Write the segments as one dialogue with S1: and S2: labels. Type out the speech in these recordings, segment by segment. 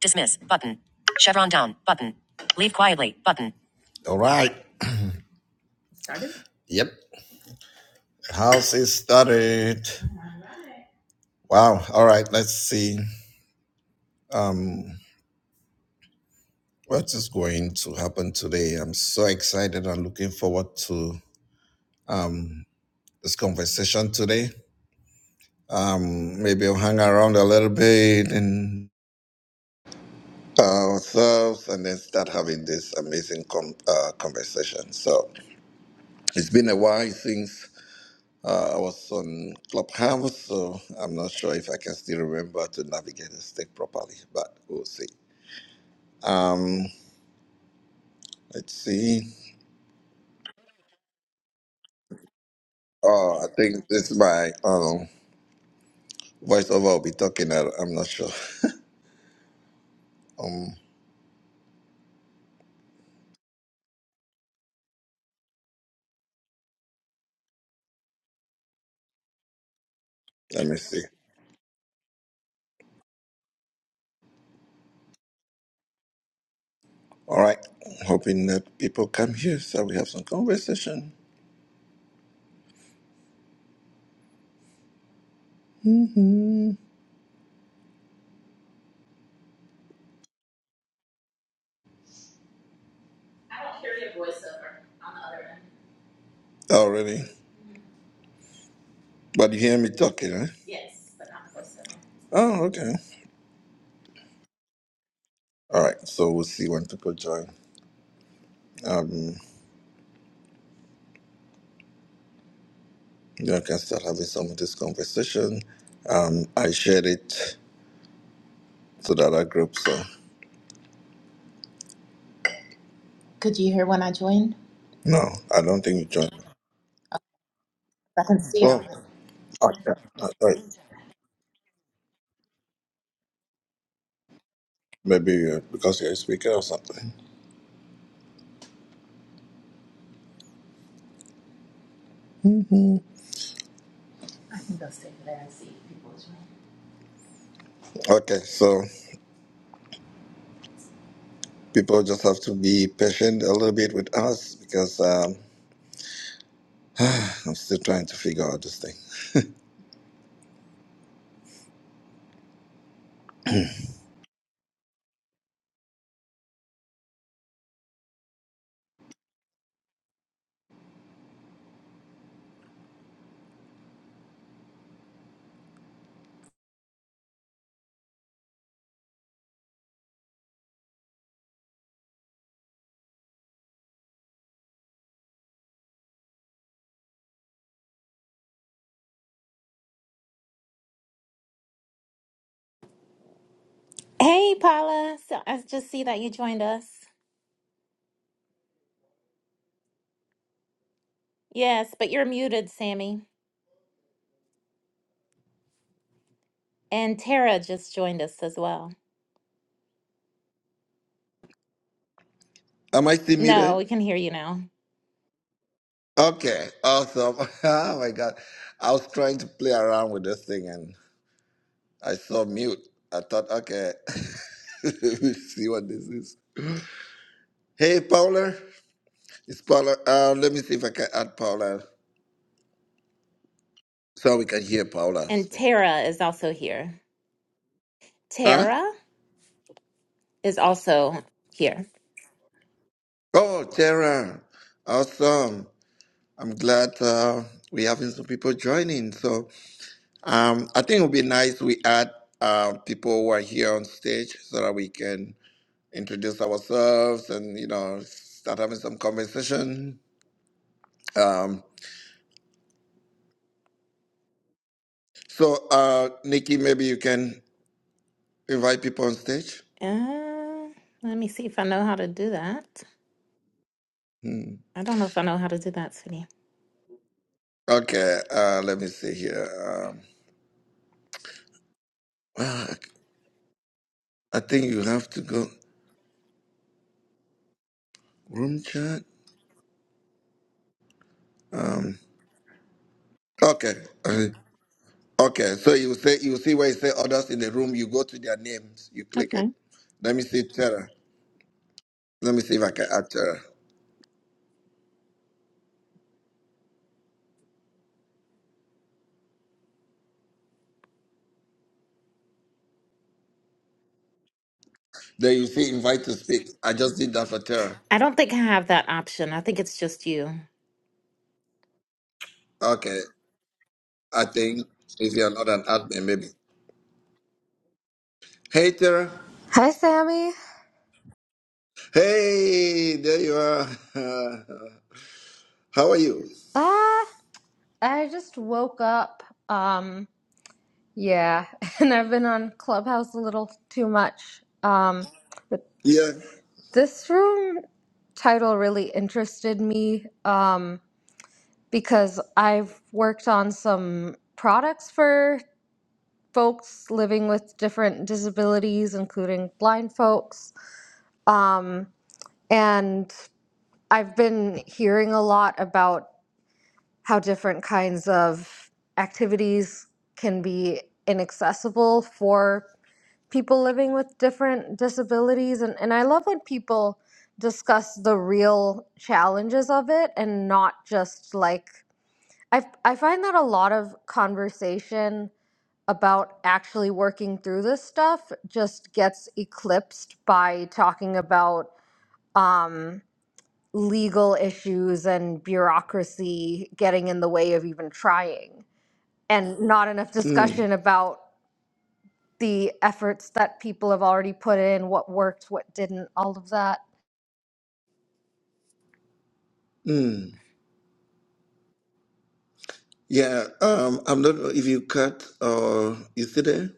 S1: Dismiss button. Chevron down button. Leave quietly button. All right. Yep. House is started. Wow. All right. Let's see. Um, what is going to happen today? I'm so excited and looking forward to um this conversation today. Um, maybe I'll hang around a little bit and ourselves and then start having this amazing com- uh, conversation. So it's been a while since Uh, I was on Clubhouse, so I'm not sure if I can still remember to navigate the stick properly, but we'll see. Um, let's see. Oh, I think this is my um, voiceover will be talking. I, I'm not sure. Um, let me see. All right. Hoping that people come here so we have some conversation already. But you hear me talking, right? Oh, okay. All right. So we'll see when people join. Um, You know, I can start having some of this conversation. Um, I shared it to the other group, so Could you hear when I joined? no, I don't think you joined. I can see it Oh, okay. Uh, right. Maybe uh, because you're a speaker or something. hmm Okay, so people just have to be patient a little bit with us because um, I'm still trying to figure out this thing.
S2: Hey, Paula. So I just see that you joined us. Yes, but you're muted, Sammy. And Tara just joined us as well.
S1: Am I still
S2: No, we
S1: muted?
S2: can hear you now.
S1: Okay, awesome. oh my God. I was trying to play around with this thing and. I saw mute. I thought, okay, we me see what this is. Hey, Paula. It's Paula. Uh, let me see if I can add Paula so we can hear Paula
S2: And
S1: speak.
S2: Tara is also here.
S1: Huh?
S2: Tara is also here.
S1: Oh, Tara. Awesome. I'm glad uh, we're having some people joining. So um, I think it would be nice we add uh, people who are here on stage so that we can introduce ourselves and, you know, start having some conversation. Um, so, uh, Nikki, maybe you can. invite people on stage?
S2: Uh, let me see if I know how to do that.
S1: Hmm.
S2: I don't know if I know how to do that, Sydney.
S1: Okay, uh, let me see here. Um, ah, I think you have to go room chat. Um, okay, uh, okay. So you say you see where you say others in the room. You go to their names. You click it.
S2: Okay.
S1: Let me see Tara. Let me see if I can add Tara. There you see invite to speak. I just did that for Tara.
S2: I don't think I have that option. I think it's just you.
S1: Okay, I think if you're not an admin, maybe. Hey Tara.
S3: Hi, Sammy.
S1: Hey, there you are. How are you?
S3: Ah, I just woke up. Um, yeah, and I've been on Clubhouse a little too much. Um, but
S1: Yeah.
S3: this room title really interested me um, because I've worked on some products for folks living with different disabilities, including blind folks. Um, and I've been hearing a lot about how different kinds of activities can be inaccessible for people living with different disabilities. And, and I love when people discuss the real challenges of it and not just like, I, I find that a lot of conversation about actually working through this stuff just gets eclipsed by talking about um, legal issues and bureaucracy getting in the way of even trying and not enough
S1: Mm,
S3: discussion about the efforts that people have already put in, what worked, what didn't, all of that.
S1: mm. Yeah, um, I'm not sure if you cut or you still there?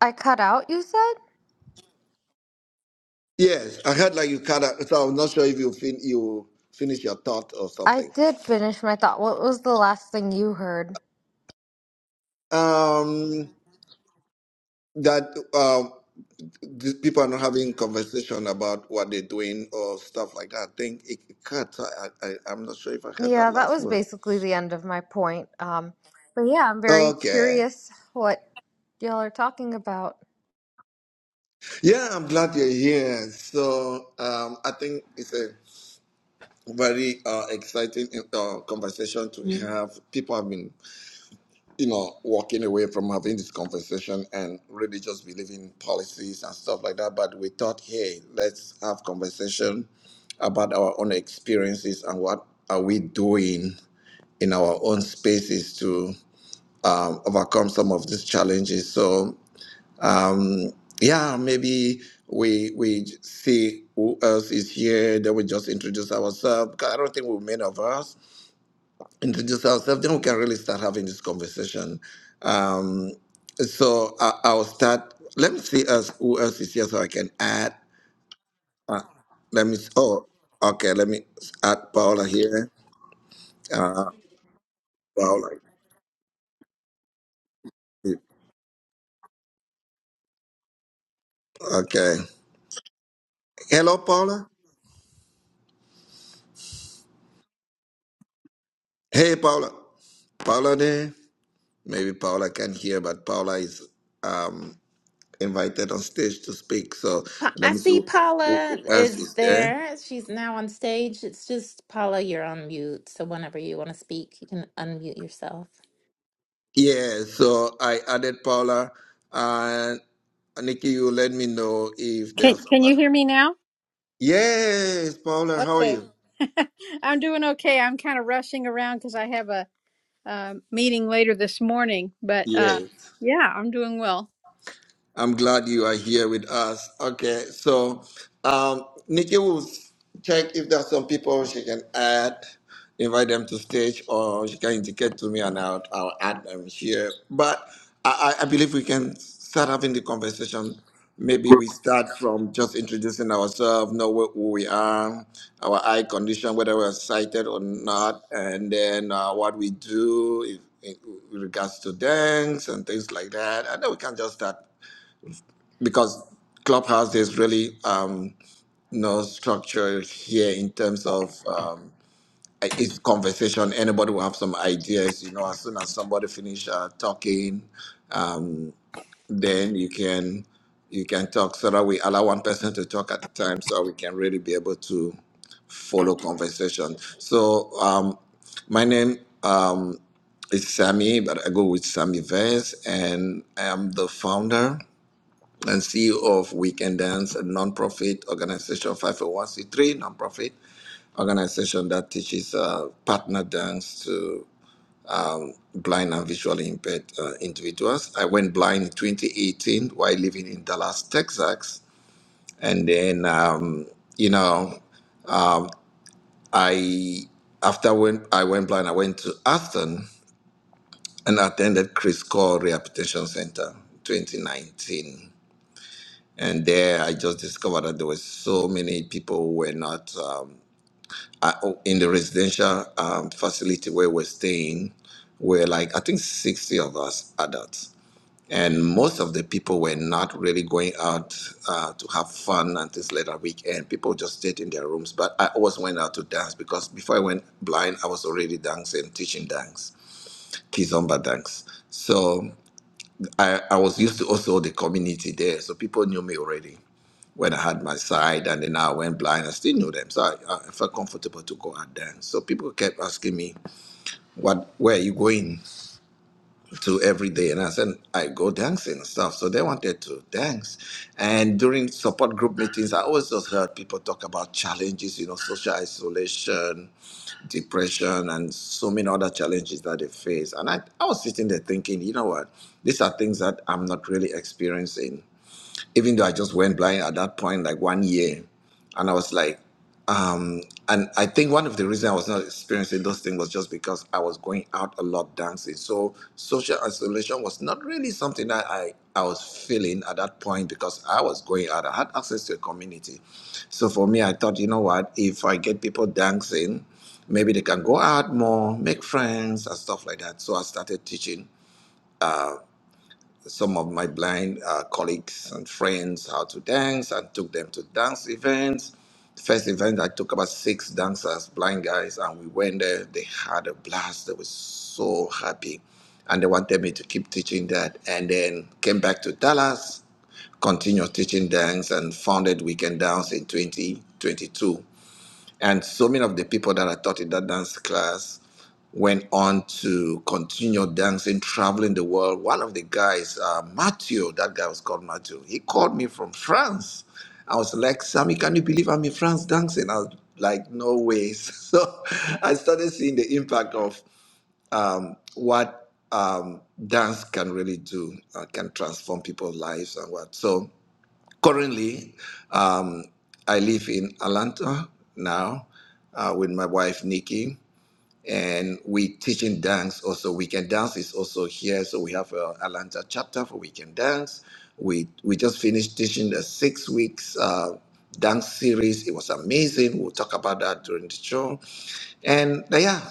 S3: I cut out, you said?
S1: Yes, I heard like you cut out, so I'm not sure if you fin you finish your thought or
S3: I
S1: something.
S3: did finish my thought. What was the last thing you heard?
S1: Um, that um, these people are not having conversation about what they're doing or stuff like that. I think it cut. so I, I I'm not sure if I heard that
S3: Yeah, that
S1: last
S3: was
S1: word.
S3: basically the end of my point. Um, but yeah, I'm very
S1: Okay.
S3: curious what y'all are talking about.
S1: Yeah, I'm glad you're here. So um, I think it's a very uh, exciting uh, conversation to mm. have. People have been, you know, walking away from having this conversation and really just believing policies and stuff like that. But we thought, hey, let's have conversation about our own experiences and what are we doing in our own spaces to um, overcome some of these challenges. So, um, yeah, maybe we we see who else is here. Then we just introduce ourselves. 'Cause I don't think we many of us introduce ourselves, then we can really start having this conversation. Um, so I, I'll start. Let me see us who else is here so I can add. Uh, let me. s- Oh, okay. Let me s- add Paula here. Uh, Paula. Okay. Hello, Paula. Hey, Paula. Paula there. Maybe Paula can hear, but Paula is um, invited on stage to speak. So
S2: Pa-
S1: let
S2: I
S1: me see
S2: see
S1: who, who
S2: Paula
S1: who else
S2: is
S1: is there.
S2: there. She's now on stage. It's just Paula, you're on mute. So whenever you want to speak, you can unmute yourself.
S1: Yeah, so I added Paula and Nikki, you let me know if
S4: Can
S1: there's
S4: can you
S1: somebody.
S4: hear me now?
S1: Yes, Paula, how are
S4: Okay.
S1: you?
S4: I'm doing okay. I'm kind of rushing around because I have a um, meeting later this morning, but uh,
S1: Yes.
S4: yeah, I'm doing well.
S1: I'm glad you are here with us. Okay, so um, Nikki will check if there are some people she can add, invite them to stage, or she can indicate to me and I'll, I'll add them here. But I, I I believe we can start having the conversation. Maybe we start from just introducing ourselves, know wh- who we are, our eye condition, whether we're sighted or not, and then uh, what we do, if in, with regards to dance and things like that. And then we can just start because clubhouse there's really um, no structure here in terms of um, it's conversation anybody will have some ideas you know as soon as somebody finish uh, talking um, then you can you can talk so that we allow one person to talk at a time so we can really be able to follow conversation so um, my name um, is sammy but i go with sammy vance and i am the founder and CEO of We Can Dance, a nonprofit organization, 501c3 nonprofit organization that teaches uh, partner dance to blind and visually impaired uh, individuals. I went blind in 2018 while living in Dallas, Texas, and then um, you know I after when I went blind, I went to Aston and attended Chris Cole Rehabilitation Center 2019. and there I just discovered that there were so many people who were not um, I- oh, in the residential um, facility where we're staying. Were like I think sixty of us adults, and most of the people were not really going out uh, to have fun and things like that weekend. People just stayed in their rooms. But I always went out to dance because before I went blind, I was already dancing, teaching dance, kizomba dance. So I, I was used to also the community there, so people knew me already when I had my side, and then I went blind. I still knew them, so I, I felt comfortable to go out there. So people kept asking me, "What? Where are you going to every day?" And I said, "I go dancing and stuff." So they wanted to dance, and during support group meetings, I always just heard people talk about challenges, you know, social isolation, depression, and so many other challenges that they face. And I, I was sitting there thinking, you know what? These are things that I'm not really experiencing even though I just went blind at that point, like one year, and I was like, um, and I think one of the reasons I was not experiencing those things was just because I was going out a lot dancing. So social isolation was not really something that I, I was feeling at that point because I was going out. I had access to a community. So for me, I thought, you know what, if I get people dancing, maybe they can go out more, make friends and stuff like that. So I started teaching some of my blind uh, colleagues and friends how to dance and took them to dance events. First event, I took about six dancers, blind guys, and we went there. They had a blast. They were so happy. And they wanted me to keep teaching that. And then came back to Dallas, continued teaching dance, and founded Weekend Dance in 2022. And so many of the people that I taught in that dance class went on to continue dancing, traveling the world. One of the guys, uh, Matthew, that guy was called Matthew, he called me from France. I was like, Sammy, can you believe I'm in France dancing? I was like, no ways. So I started seeing the impact of um, what um, dance can really do, uh, can transform people's lives and what. So Currently, um, I live in Atlanta now uh, with my wife Nikki, and we teaching dance. Also, weekend dance is also here, so we have a Atlanta chapter for weekend dance. We we just finished teaching a six weeks uh, dance series. It was amazing. We'll talk about that during the show. And uh, yeah,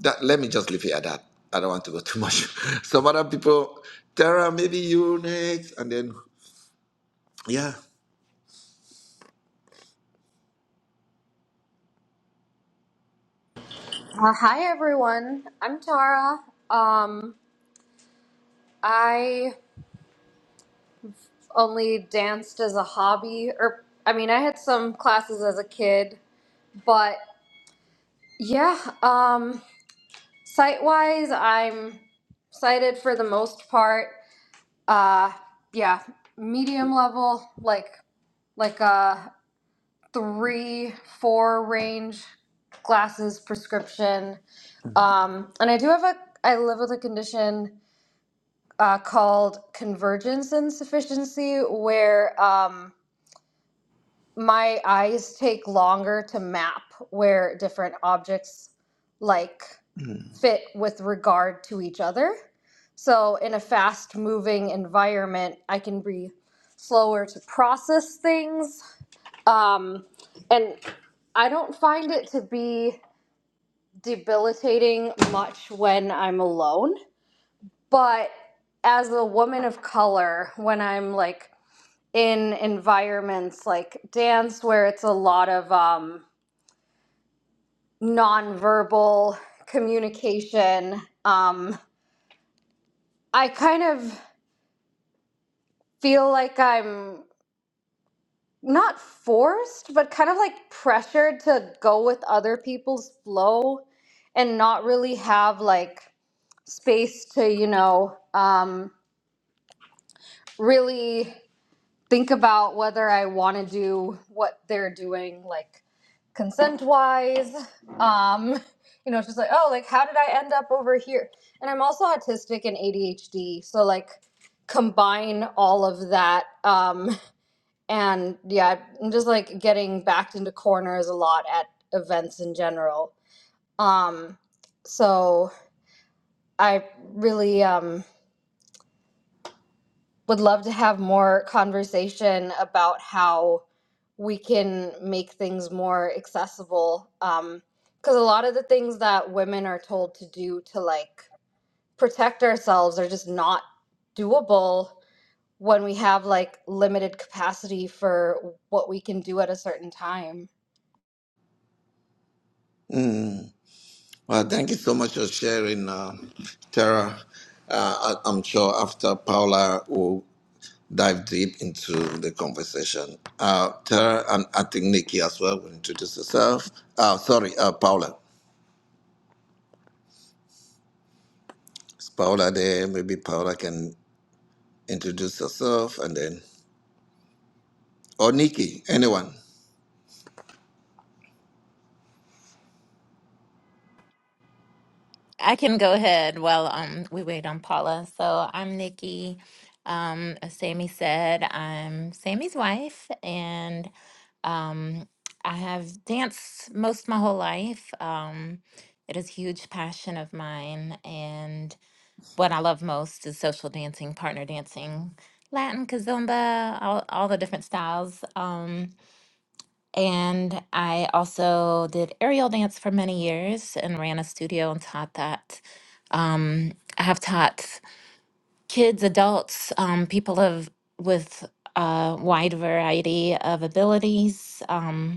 S1: that, let me just leave it at that. I don't want to go too much. Some other people, Tara, maybe you next, and then yeah.
S3: Uh, hi, everyone. I'm Tara. Um, I only danced as a hobby, or I mean, I had some classes as a kid, but. Yeah, um, site wise, I'm sighted for the most part. Uh, yeah, medium level, like like a three, four range glasses prescription. Um, and I do have a, I live with a condition uh, called convergence insufficiency, where um, my eyes take longer to map where different objects like fit with regard to each other. So, in a fast moving environment, I can be slower to process things. Um, and I don't find it to be debilitating much when I'm alone. But as a woman of color, when I'm like in environments like dance where it's a lot of um, nonverbal communication, um, I kind of feel like I'm not forced, but kind of like pressured to go with other people's flow and not really have like space to, you know, um, really think about whether I want to do what they're doing, like consent wise. Um, you know, it's just like, oh, like how did I end up over here? And I'm also autistic and ADHD, so like combine all of that. Um, and yeah i'm just like getting backed into corners a lot at events in general um so i really um would love to have more conversation about how we can make things more accessible um because a lot of the things that women are told to do to like protect ourselves are just not doable when we have like limited capacity for what we can do at a certain time
S1: Well, thank you so much for sharing, uh, Tara. Uh, I, I'm sure after Paula will dive deep into the conversation. Uh, Tara, and I think Nikki as well will introduce herself. Uh, sorry, uh, Paula. Is Paula there? Maybe Paula can introduce herself and then, or Nikki, anyone.
S2: I can go ahead while um we wait on Paula. So I'm Nikki. Um, as Sammy said, I'm Sammy's wife, and um, I have danced most my whole life. Um, it is a huge passion of mine, and what I love most is social dancing, partner dancing, Latin, kazumba, all, all the different styles. Um, and I also did aerial dance for many years and ran a studio and taught that. Um, I have taught kids, adults, um, people of with a wide variety of abilities. Um,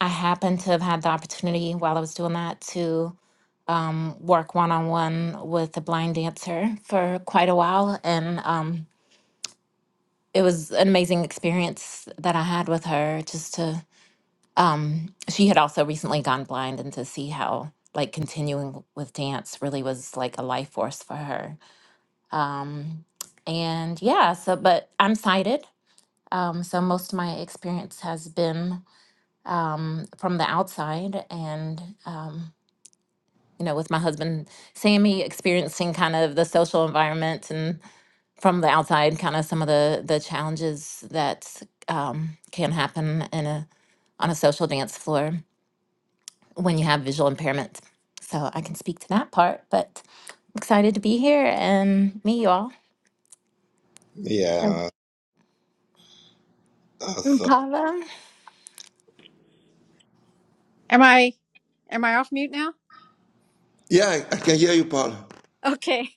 S2: I happened to have had the opportunity while I was doing that to um, work one on one with a blind dancer for quite a while. And um, it was an amazing experience that I had with her just to, um, she had also recently gone blind and to see how like continuing with dance really was like a life force for her. Um, and yeah, so, but I'm sighted. Um, so most of my experience has been um, from the outside and, um, you know, with my husband, Sammy experiencing kind of the social environment and from the outside, kind of some of the the challenges that um, can happen in a on a social dance floor when you have visual impairment. So I can speak to that part, but excited to be here and meet you all. So,
S1: Yeah. that's, uh,
S2: Impala,
S4: Am I am I off mute now?
S1: yeah, I I can hear you, Paula.
S4: Okay.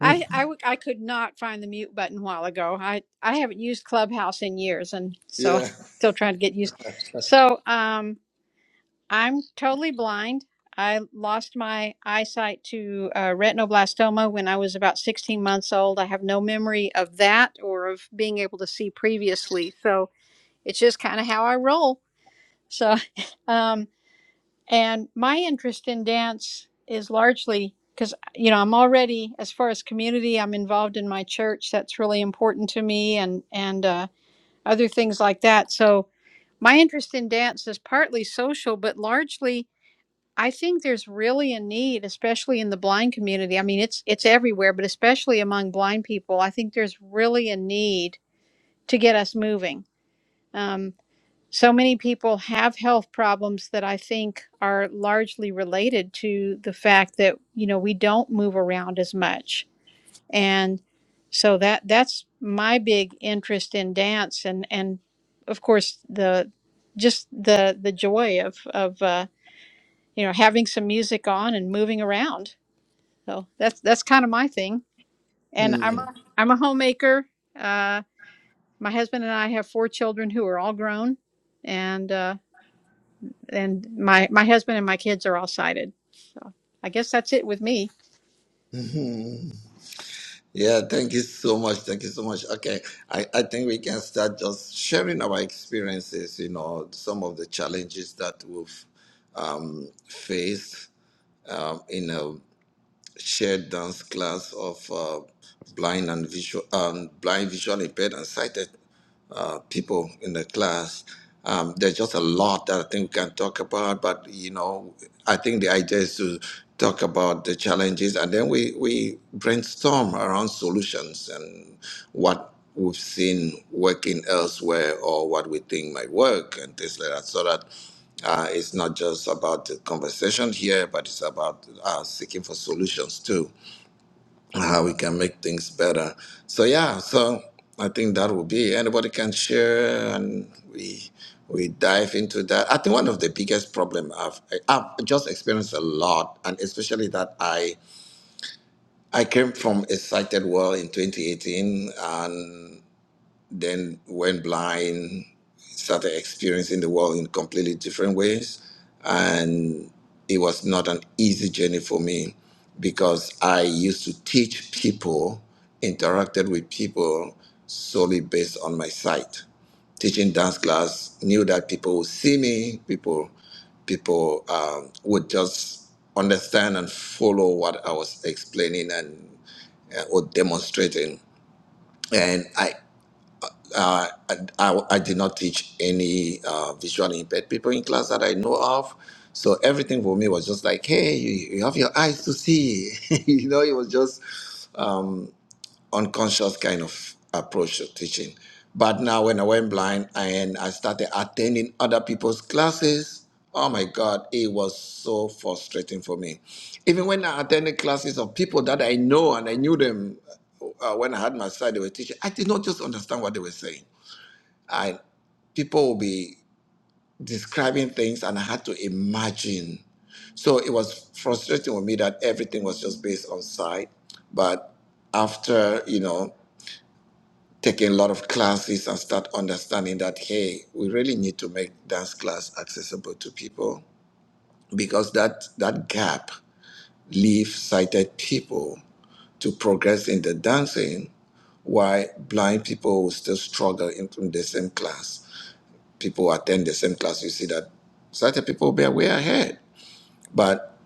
S4: I, I w- I could not find the mute button a while ago. I, I haven't used Clubhouse in years and so
S1: Yeah.
S4: I'm still trying to get used. So, um I'm totally blind. I lost my eyesight to uh, retinoblastoma when I was about 16 months old. I have no memory of that or of being able to see previously. So it's just kind of how I roll. So, um, and my interest in dance is largely because, you know, I'm already, as far as community, I'm involved in my church. That's really important to me and, and uh, other things like that. So my interest in dance is partly social, but largely I think there's really a need, especially in the blind community. I mean, it's it's everywhere, but especially among blind people, I think there's really a need to get us moving. Um, so many people have health problems that I think are largely related to the fact that you know we don't move around as much, and so that that's my big interest in dance, and and of course the just the the joy of of uh, you know, having some music on and moving around. So that's that's kind of my thing. And I'm a,
S1: Mm.
S4: I'm a homemaker. Uh, my husband and I have four children who are all grown, and uh, and my my husband and my kids are all sighted. So I guess that's it with me.
S1: Yeah, thank you so much. Thank you so much. Okay, I, I think we can start just sharing our experiences, you know, some of the challenges that we've um, faced um, in a shared dance class of uh, blind and visual um, blind visual impaired and sighted uh, people in the class. Um, there's just a lot that I think we can talk about, but you know, I think the idea is to talk about the challenges and then we, we brainstorm around solutions and what we've seen working elsewhere or what we think might work and things like that so that uh, it's not just about the conversation here but it's about uh, seeking for solutions too how we can make things better. So yeah, so I think that will be anybody can share and we we dive into that. I think one of the biggest problem I've I've just experienced a lot, and especially that I I came from a sighted world in 2018, and then went blind, started experiencing the world in completely different ways. And it was not an easy journey for me because I used to teach people, interacted with people solely based on my sight. Teaching dance class, knew that people would see me, people, people um, would just understand and follow what I was explaining and uh, or demonstrating. And I uh, I, I, I did not teach any uh, visually impaired people in class that I know of. So everything for me was just like, hey, you, you have your eyes to see. you know, it was just um, unconscious kind of approach to teaching. But now when I went blind and I started attending other people's classes, oh my God, it was so frustrating for me. Even when I attended classes of people that I know and I knew them uh, when I had my sight, they were teaching, I did not just understand what they were saying. I people will be describing things and I had to imagine. So it was frustrating with me that everything was just based on sight. But after, you know, taking a lot of classes and start understanding that hey, we really need to make dance class accessible to people because that that gap leaves sighted people to progress in the dancing while blind people will still struggle in, in the same class people attend the same class, you see that certain people they are way ahead. But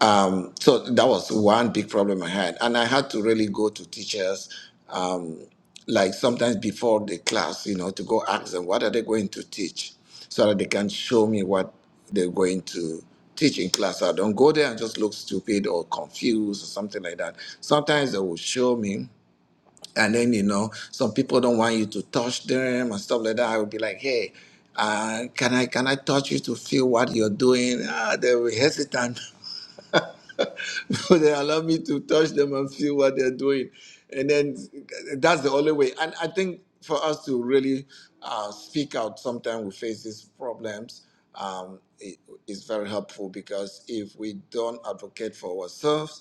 S1: um, so that was one big problem I had, and I had to really go to teachers, um, like sometimes before the class, you know, to go ask them what are they going to teach, so that they can show me what they're going to teach in class. So I don't go there and just look stupid or confused or something like that. Sometimes they will show me, and then you know some people don't want you to touch them and stuff like that i would be like hey uh, can i can i touch you to feel what you're doing ah, they were hesitant but they allow me to touch them and feel what they're doing and then that's the only way and i think for us to really uh, speak out sometimes we face these problems um, it is very helpful because if we don't advocate for ourselves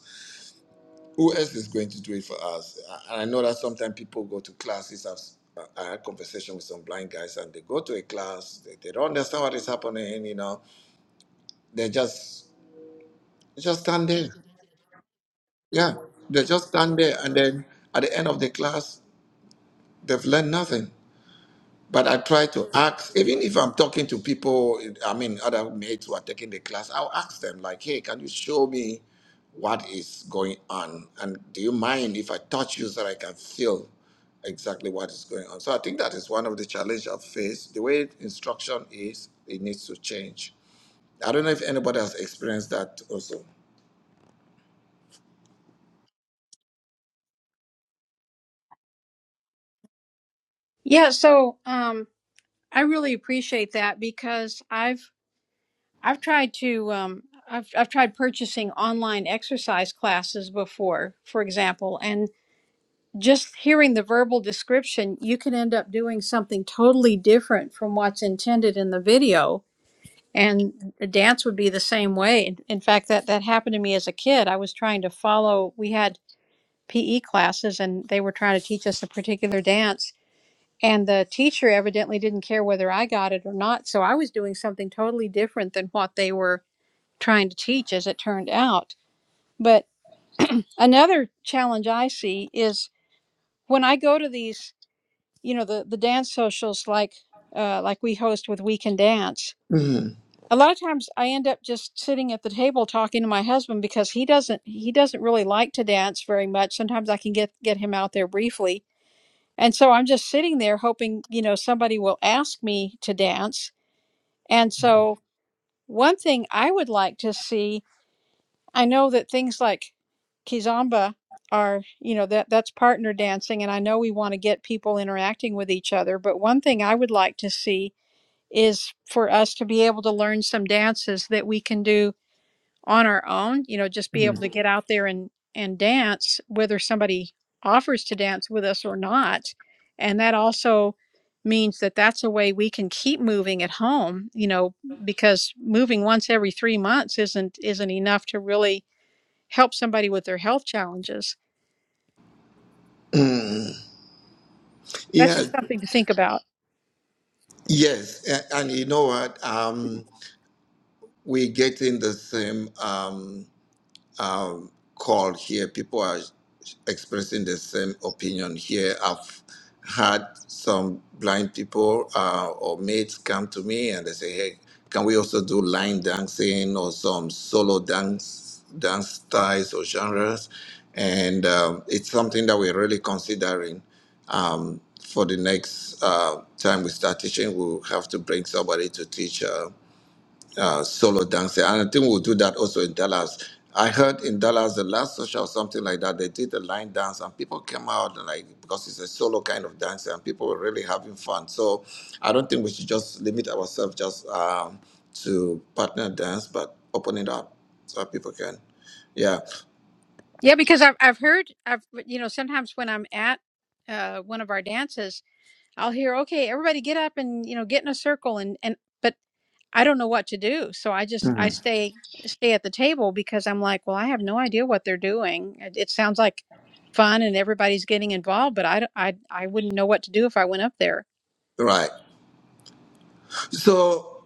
S1: who else is going to do it for us? I, I know that sometimes people go to classes. I've, I had conversation with some blind guys, and they go to a class. They, they don't understand what is happening. You know, they just they just stand there. Yeah, they just stand there, and then at the end of the class, they've learned nothing. But I try to ask, even if I'm talking to people, I mean, other mates who are taking the class, I'll ask them, like, hey, can you show me what is going on? And do you mind if I touch you so that I can feel exactly what is going on? So I think that is one of the challenges I've faced. The way instruction is, it needs to change. I don't know if anybody has experienced that also.
S4: Yeah. So um, I really appreciate that because I've I've tried to um, I've I've tried purchasing online exercise classes before, for example, and. just hearing the verbal description, you can end up doing something totally different from what's intended in the video. And the dance would be the same way. In in fact, that, that happened to me as a kid. I was trying to follow, we had PE classes and they were trying to teach us a particular dance. And the teacher evidently didn't care whether I got it or not. So I was doing something totally different than what they were trying to teach, as it turned out. But another challenge I see is when I go to these you know the the dance socials like uh, like we host with We Can Dance.
S1: Mhm.
S4: A lot of times I end up just sitting at the table talking to my husband because he doesn't he doesn't really like to dance very much. Sometimes I can get get him out there briefly. And so I'm just sitting there hoping, you know, somebody will ask me to dance. And so one thing I would like to see, I know that things like Kizomba are, you know, that that's partner dancing and I know we want to get people interacting with each other, but one thing I would like to see is for us to be able to learn some dances that we can do on our own you know just be able
S1: Mhm.
S4: to get out there and and dance whether somebody offers to dance with us or not and that also means that that's a way we can keep moving at home you know because moving once every 3 months isn't isn't enough to really help somebody with their health challenges
S1: Mm.
S4: that's
S1: Yeah,
S4: just something to think about
S1: yes, A- and you know what? Um, we're getting the same. Um, um, call here. People are expressing the same opinion here. I've had some blind people uh, or mates come to me and they say, "Hey, can we also do line dancing or some solo dance dance styles or genres?" And um, it's something that we're really considering. Um, for the next uh, time we start teaching, we'll have to bring somebody to teach. uh, uh, solo dancing. And I think we'll do that also in Dallas. I heard in Dallas the last social or something like that, they did a line dance and people came out and like because it's a solo kind of dance and people were really having fun. So I don't think we should just limit ourselves just um, to partner dance, but open it up so that people can. Yeah,
S4: yeah because i've i've heard i've you know sometimes when i'm at uh, one of our dances I'll hear, okay, everybody get up and, you know, get in a circle and and but I don't know what to do. So I just I
S1: Mhm.
S4: stay stay at the table because I'm like, well, I have no idea what they're doing. It, it sounds like fun and everybody's getting involved, but I d- I I wouldn't know what to do if I went up there.
S1: right. So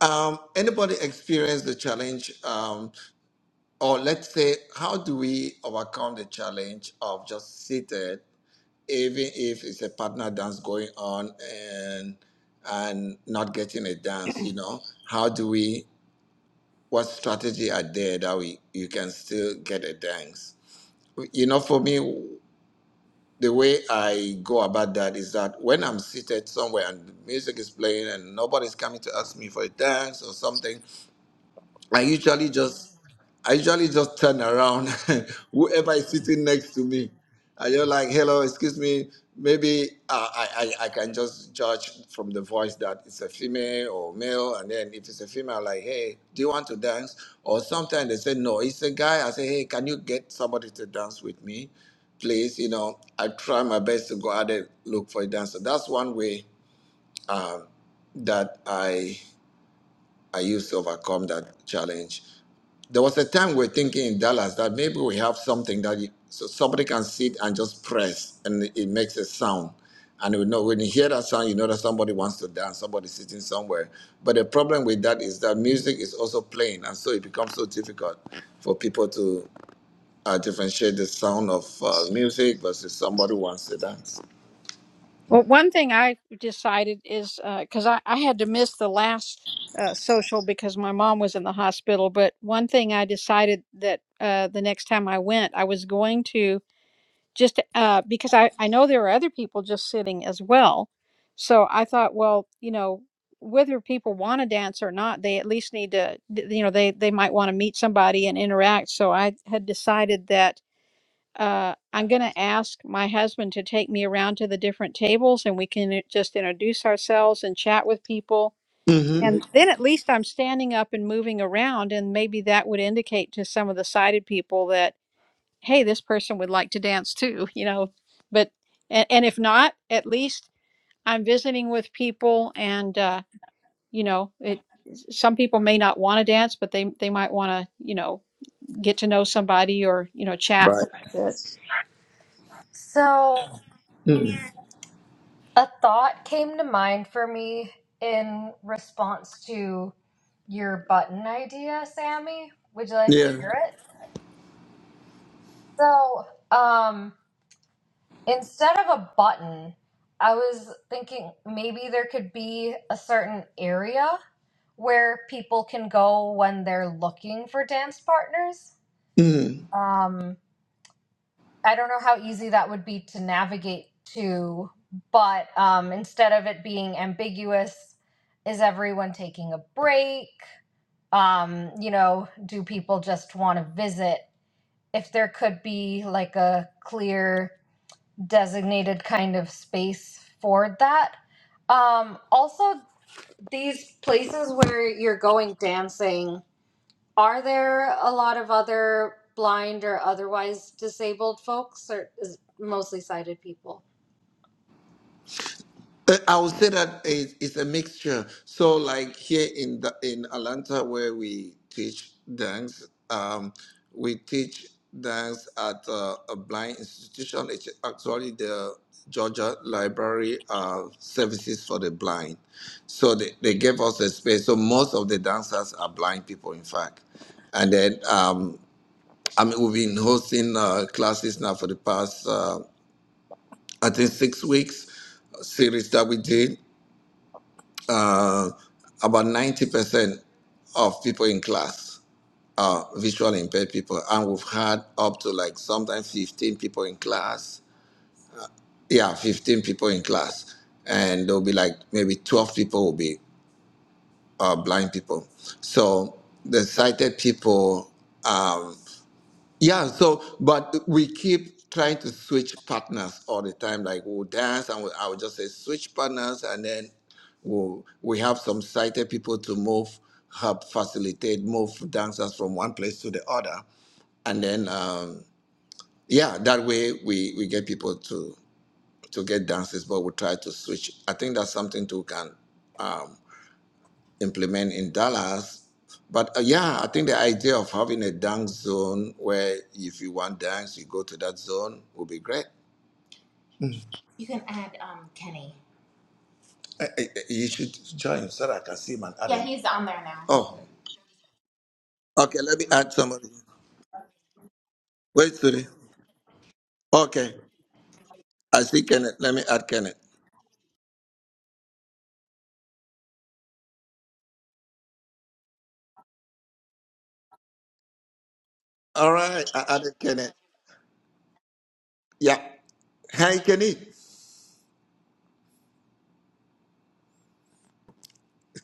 S1: um, anybody experience the challenge, um, or let's say, how do we overcome the challenge of just seated? even if it's a partner dance going on and and not getting a dance you know how do we what strategy are there that we you can still get a dance you know for me the way i go about that is that when i'm seated somewhere and music is playing and nobody's coming to ask me for a dance or something I usually just I usually just turn around. Whoever is sitting next to me, I just like, hello, excuse me. Maybe uh, I, I I can just judge from the voice that it's a female or male, and then if it's a female, like, hey, do you want to dance? Or sometimes they say no, it's a guy. I say, hey, can you get somebody to dance with me, please? You know, I try my best to go out and look for a dancer. That's one way um, that I I used to overcome that challenge. There was a time we were thinking in Dallas that maybe we have something that you, so somebody can sit and just press and it makes a sound. And you know, when you hear that sound, you know that somebody wants to dance, somebody's sitting somewhere. But the problem with that is that music is also playing, and so it becomes so difficult for people to uh, differentiate the sound of uh, music versus somebody who wants to dance.
S4: Well, one thing I decided is because I, I had to miss the last uh, social because my mom was in the hospital. But one thing I decided that uh, the next time I went, I was going to just uh, because I, I know there are other people just sitting as well. So I thought, well, you know, whether people want to dance or not, they at least need to, th- you know, they, they might want to meet somebody and interact. So I had decided that uh, I'm going to ask my husband to take me around to the different tables and we can i- just introduce ourselves and chat with people.
S1: Mm-hmm.
S4: And Mhm. then at least I'm standing up and moving around. And maybe that would indicate to some of the sighted people that hey, this person would like to dance too, you know. But and, and if not, at least I'm visiting with people, and uh, you know, it. Some people may not want to dance, but they they might want to, you know, get to know somebody or you know, chat. a
S1: Right.
S4: little bit.
S3: So, a thought came to mind for me in response to your button idea, Sammy. Would you like to
S1: Yeah.
S3: hear it? So, um, instead of a button, I was thinking maybe there could be a certain area where people can go when they're looking for dance partners. Um, I don't know how easy that would be to navigate to, but um, instead of it being ambiguous, is everyone taking a break? Um, you know, do people just want to visit? If there could be like a clear designated kind of space for that. Um, also, these places where you're going dancing are there a lot of other blind or otherwise disabled folks, or is it mostly sighted people?
S1: Uh, I would say that it- it's a mixture. So, like here in the, in Atlanta, where we teach dance, um, we teach dance at uh, a blind institution. It's actually the Georgia Library uh, Services for the Blind. So they, they gave us a space. So most of the dancers are blind people, in fact. And then um, I mean, we've been hosting uh, classes now for the past, uh, I think, six weeks series that we did uh, about 90% of people in class are visually impaired people. And we've had up to like sometimes 15 people in class. Yeah, 15 people in class. And there'll be like maybe 12 people will be uh, blind people. So the sighted people um, yeah, so but we keep trying to switch partners all the time. Like we'll dance and we, I would just say switch partners, and then we'll, we have some sighted people to move, help facilitate, move dancers from one place to the other, and then um, yeah, that way we we get people to to get dances, but we try to switch. I think that's something too can. um, implement in Dallas. But uh, yeah, I think the idea of having a dunk zone where if you want dance, you go to that zone would be great. I, I, you should join so that I can see him and add him. Oh, okay. Let me add somebody. Wait, Suri. Okay. I see Kenneth. Let me add Kenneth. All right. I added Kenneth. Yeah. Hi, Kenny.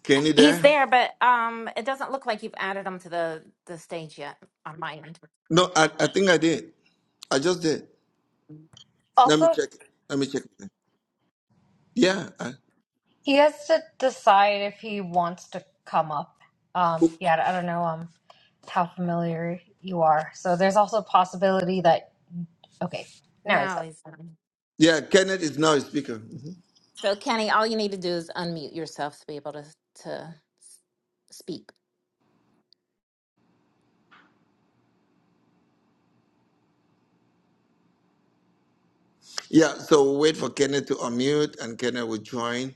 S1: Kenny
S2: he's
S1: there?
S2: there, but um, it doesn't look like you've added him to the the stage yet on my end.
S1: No, I, I think I did. I just did. Let me
S3: Also,
S1: check. Let me check. Yeah. I,
S3: he has to decide if he wants to come up. Um, yeah, I don't know um how familiar you are. So there's also a possibility that okay, now he's
S2: No,
S3: up.
S2: he's not.
S1: Yeah, Kenneth is now a speaker. Mhm.
S2: So, Kenny, all you need to do is unmute yourself to be able to to s- speak.
S1: Yeah, so we'll wait for Kenneth to unmute and Kenneth will join.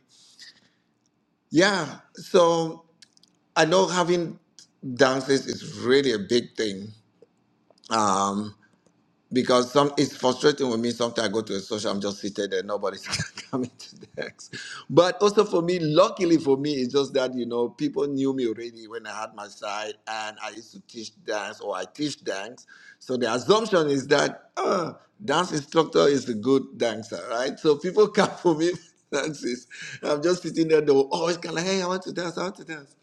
S1: Yeah, so I know having dances is really a big thing. Um, because some it's frustrating with me. Sometimes I go to a social, I'm just seated there, nobody's coming to the desk. But also for me, luckily for me, it's just that you know people knew me already when I had my side, and I used to teach dance or I teach dance. So the assumption is that uh, dance instructor is a good dancer, right? So people come for me dances. I'm just sitting there, they will always come like, hey, I want to dance, I want to dance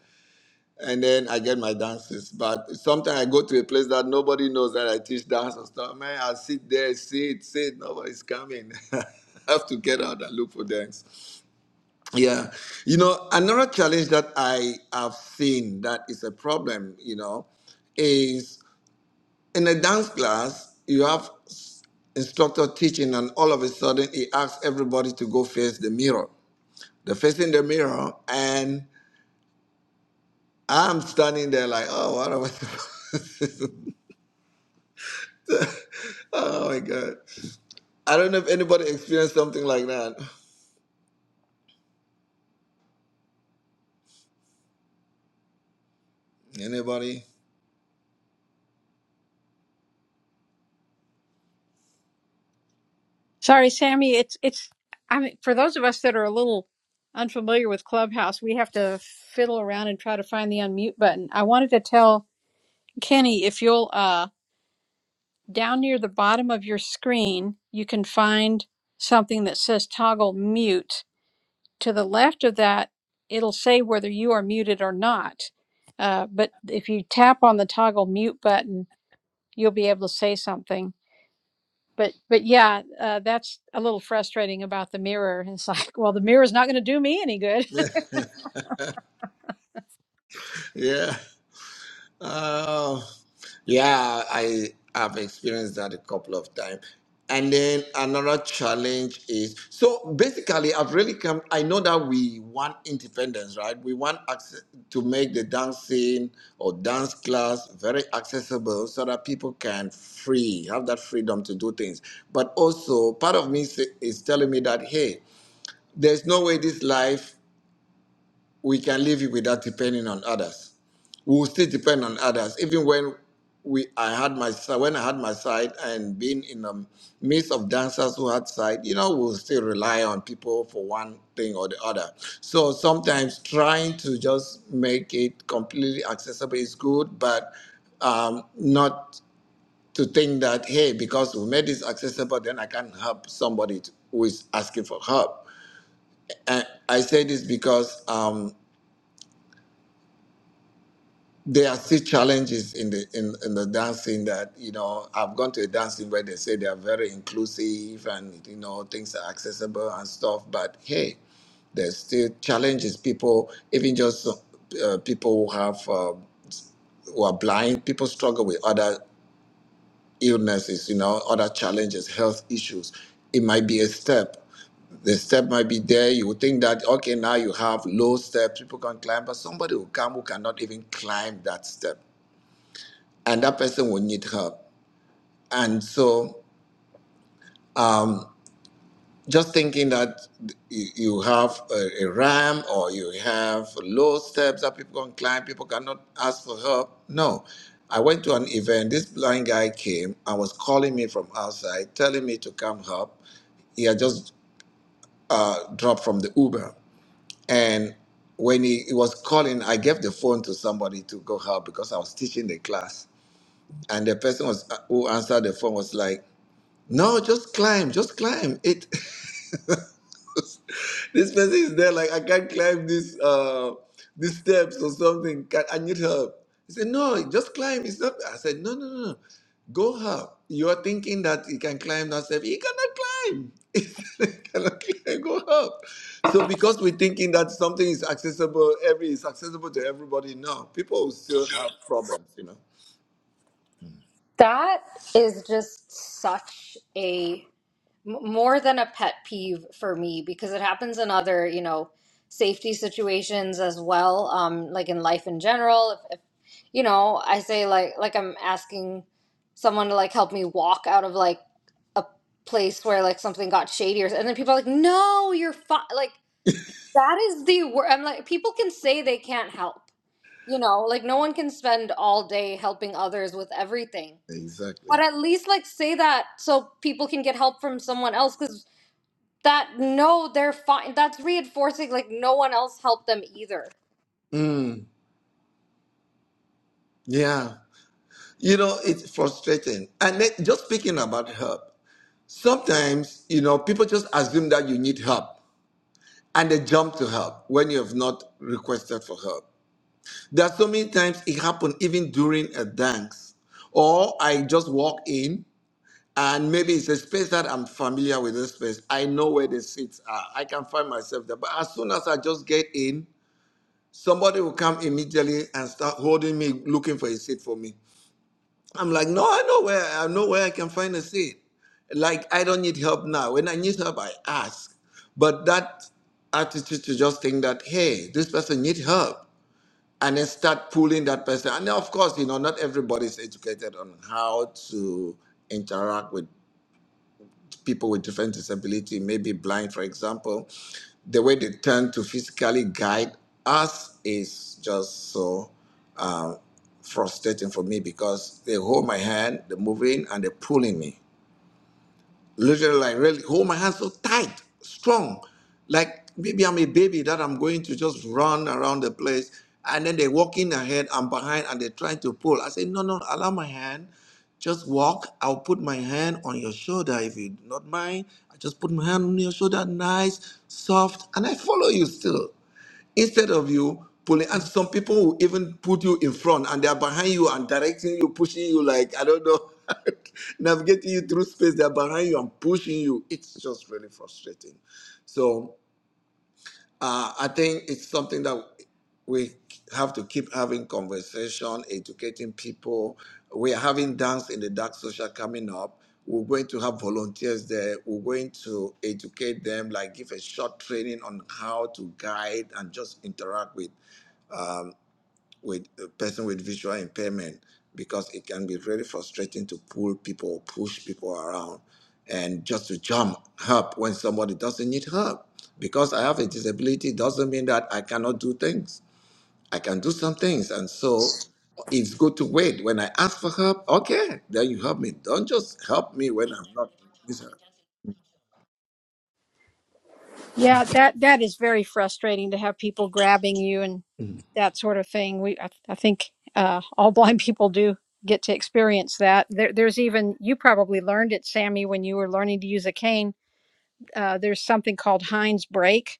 S1: and then I get my dances. But sometimes I go to a place that nobody knows that I teach dance and stuff. Man, I sit there, sit, sit, nobody's coming. I have to get out and look for dance. Yeah. You know, another challenge that I have seen that is a problem, you know, is in a dance class, you have instructor teaching and all of a sudden he asks everybody to go face the mirror. They're facing the mirror and I'm standing there like, oh, what am I supposed Oh my God. I don't know if anybody experienced something like that. Anybody?
S4: Sorry, Sammy. It's it's. I mean, for those of us that are a little unfamiliar with Clubhouse, we have to fiddle around and try to find the unmute button. I wanted to tell Kenny if you'll uh down near the bottom of your screen, you can find something that says toggle mute. To the left of that, it'll say whether you are muted or not. Uh, but if you tap on the toggle mute button, you'll be able to say something. But but yeah, uh, that's a little frustrating about the mirror. It's like, well, the mirror's not going to do me any good.
S1: yeah. Oh. Yeah, I have experienced that a couple of times. And then another challenge is so basically, I've really come. I know that we want independence, right? We want access, to make the dancing or dance class very accessible so that people can free have that freedom to do things. But also, part of me say- is telling me that hey, There's no way this life we can live it without depending on others. We will still depend on others. Even when we, I had my si- when I had my side and being in the midst of dancers who had side, you know, we'll still rely on people for one thing or the other. So sometimes trying to just make it completely accessible is good, but um, not to think that hey, because we made this accessible, then I can help somebody to- who is asking for help. And I say this because um, there are still challenges in the in, in the dancing that you know I've gone to a dancing where they say they are very inclusive and you know things are accessible and stuff, but hey, there's still challenges. People, even just uh, people who have uh, who are blind, people struggle with other illnesses, you know, other challenges, health issues. It might be a step. The step might be there. You would think that, okay, now you have low steps, people can climb, but somebody will come who cannot even climb that step. And that person will need help. And so, um, just thinking that you you have a, a ramp or you have low steps that people can climb, people cannot ask for help. No. I went to an event. This blind guy came and was calling me from outside, telling me to come help. He had just uh, dropped from the Uber. And when he, he was calling, I gave the phone to somebody to go help because I was teaching the class. And the person was who answered the phone was like, "No, just climb, just climb. it." This person is there like I can't climb this uh these steps or something. Can, I need help. He said, No, just climb. It's not I said, No, no, no, no. Go up. You're thinking that you can climb that step. You cannot climb. You cannot climb. Go up. So because we're thinking that something is accessible, every is accessible to everybody, no. People will still have problems, you know.
S3: That is just such a m- more than a pet peeve for me because it happens in other, you know, safety situations as well, um, like in life in general. you know, I say like like I'm asking someone to like help me walk out of like a place where like something got shady or and then people are like, "No, you're fine." Like that is the word. I'm like people can say they can't help. You know, like no one can spend all day helping others with everything.
S1: Exactly.
S3: But at least like say that so people can get help from someone else cuz that no, they're fine. That's reinforcing like no one else helped them either.
S1: Mm, yeah. You know, it's frustrating. And then just speaking about help. Sometimes, you know, people just assume that you need help and they jump to help when you have not requested for help. There are so many times it happened even during a dance. Or I just walk in and maybe it's a space that I'm familiar with this space. I know where the seats are. I can find myself there. But as soon as I just get in, somebody will come immediately and start holding me, looking for a seat for me. I'm like, no, I know where I know where I can find a seed. Like I don't need help now. When I need help, I ask. But that attitude to just think that, hey, this person needs help. And then start pulling that person. And then, of course, you know, not everybody's educated on how to interact with people with different disability, maybe blind, for example, the way they tend to physically guide us is just so um, frustrating for me because they hold my hand, they're moving, and they're pulling me literally like really hold my hands so tight, strong. Like maybe I'm a baby that I'm going to just run around the place. And then they're walking ahead, and behind, and they're trying to pull. I say, no, no, allow my hand. Just walk. I'll put my hand on your shoulder if you do not mind. I just put my hand on your shoulder, nice, soft, and I follow you still instead of you pulling and some people will even put you in front and they are behind you and directing you pushing you like i don't know navigating you through space they're behind you and pushing you it's just really frustrating so uh, i think it's something that we have to keep having conversation educating people we are having dance in the dark social coming up we're going to have volunteers there. We're going to educate them, like give a short training on how to guide and just interact with with a person with visual impairment because it can be really frustrating to pull people, or push people around, and just to jump help when somebody doesn't need help. Because I have a disability doesn't mean that I cannot do things. I can do some things, and so it's good to wait. When I ask for help, okay, then you help me. Don't just help me when I'm not. with her.
S4: Yeah, that that is very frustrating to have people grabbing you and that sort of thing. We I, I think uh, all blind people do get to experience that. There, there's even you probably learned it, Sammy, when you were learning to use a cane. Uh, there's something called Heinz break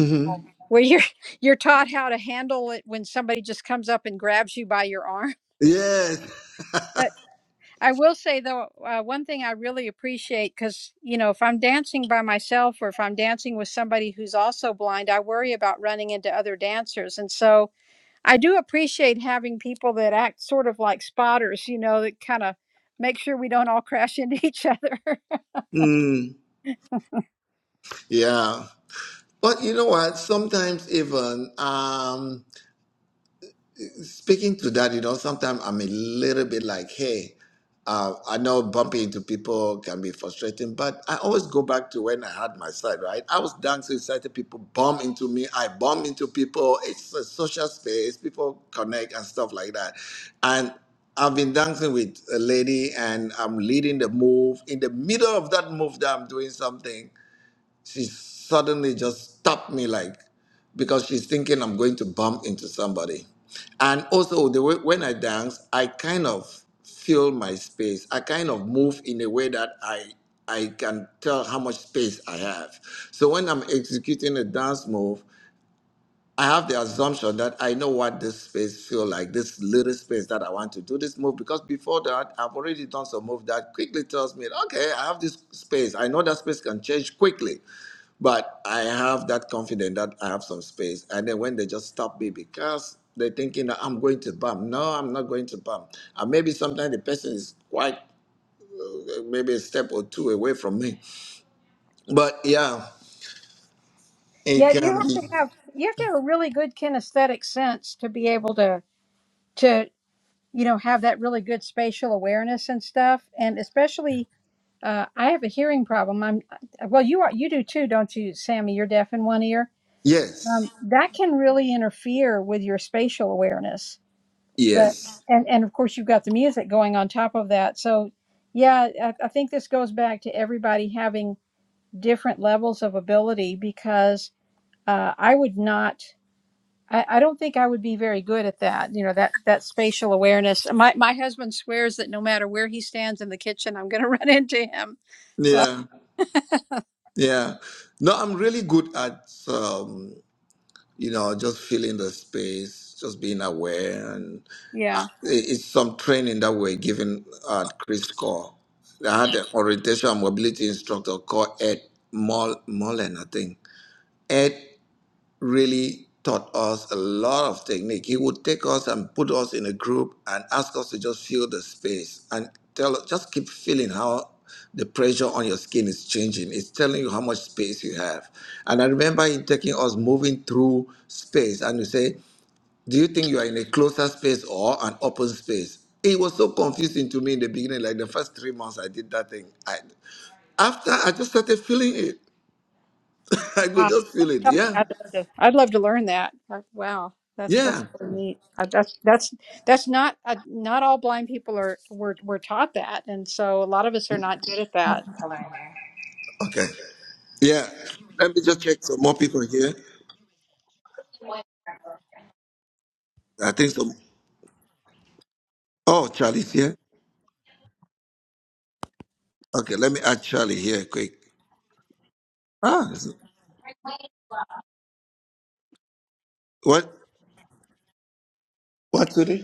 S1: Mm-hmm.
S4: where you're you're taught how to handle it when somebody just comes up and grabs you by your arm.
S1: Yes.
S4: I will say though, uh, one thing I really appreciate because you know, if I'm dancing by myself or if I'm dancing with somebody who's also blind, I worry about running into other dancers, and so I do appreciate having people that act sort of like spotters, you know, that kind of make sure we don't all crash into each other.
S1: Mm. Yeah. But you know what? Sometimes even um, speaking to that, you know, sometimes I'm a little bit like, hey, uh, I know bumping into people can be frustrating, but I always go back to when I had my side, right? I was down so excited, people bump into me, I bump into people. It's a social space, people connect and stuff like that. And I've been dancing with a lady and I'm leading the move. In the middle of that move that I'm doing something, she suddenly just stopped me like because she's thinking I'm going to bump into somebody. And also the way when I dance, I kind of fill my space. I kind of move in a way that I I can tell how much space I have. So when I'm executing a dance move, I have the assumption that I know what this space feel like, this little space that I want to do this move. Because before that, I've already done some move that quickly tells me, okay, I have this space. I know that space can change quickly. But I have that confidence that I have some space. And then when they just stop me because they're thinking that I'm going to bump. No, I'm not going to bump. And maybe sometimes the person is quite uh, maybe a step or two away from me. But yeah, it
S4: Yet you
S1: can be.
S4: have to have you have to have a really good kinesthetic sense to be able to to you know have that really good spatial awareness and stuff, and especially Uh, I have a hearing problem. I'm uh, well. You are. You do too, don't you, Sammy? You're deaf in one ear. Um,
S1: Yes.
S4: that can really interfere with your spatial awareness. But
S1: Yes.
S4: and and of course you've got the music going on top of that. So yeah, I, I think this goes back to everybody having different levels of ability because uh, I would not. I, I don't think I would be very good at that. You know that that spatial awareness. My my husband swears that no matter where he stands in the kitchen, I'm going to run into him. So
S1: Yeah. Yeah. No, I'm really good at. um, you know, just feeling the space, just being aware. And uh,
S4: yeah.
S1: it- it's some training that we're given at Chris Core. I had an orientation and mobility instructor called Ed Mul- Mullen, I think really taught us a lot of technique. He would take us and put us in a group and ask us to just feel the space and tell just keep feeling how the pressure on your skin is changing. It's telling you how much space you have. And I remember him taking us moving through space and you say, Do you think you are in a closer space or an open space? It was so confusing to me in the beginning, like the first three months I did that thing. I after I just started feeling it. I could just feel it.
S4: something
S1: Yeah.
S4: I'd love to. I'd love to learn that. Uh, Wow, that's that's
S1: Yeah.
S4: really neat. Uh, That's that's that's not uh, not all blind people are were were taught that, and so a lot of us are not good at that.
S1: Okay. Yeah. Let me just check some more people here. I think some. Oh, Charlie's here. Okay, let me add Charlie here quick. Ah, is it- what? What today?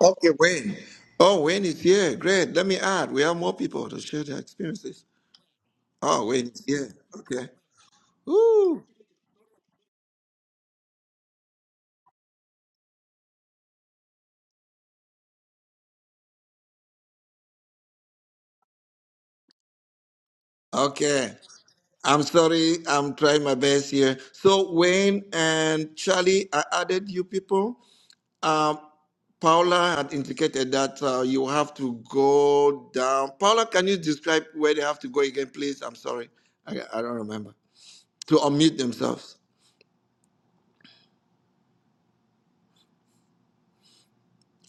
S1: Okay, Wayne. Oh, Wayne is here. Great. Let me add. We have more people to share their experiences. Oh, Wayne is here. Okay. Woo. Okay. I'm sorry. I'm trying my best here. So Wayne and Charlie, I added you people. Um. Paula had indicated that uh, you have to go down. Paula, can you describe where they have to go again, please? I'm sorry. I, I don't remember. To unmute themselves.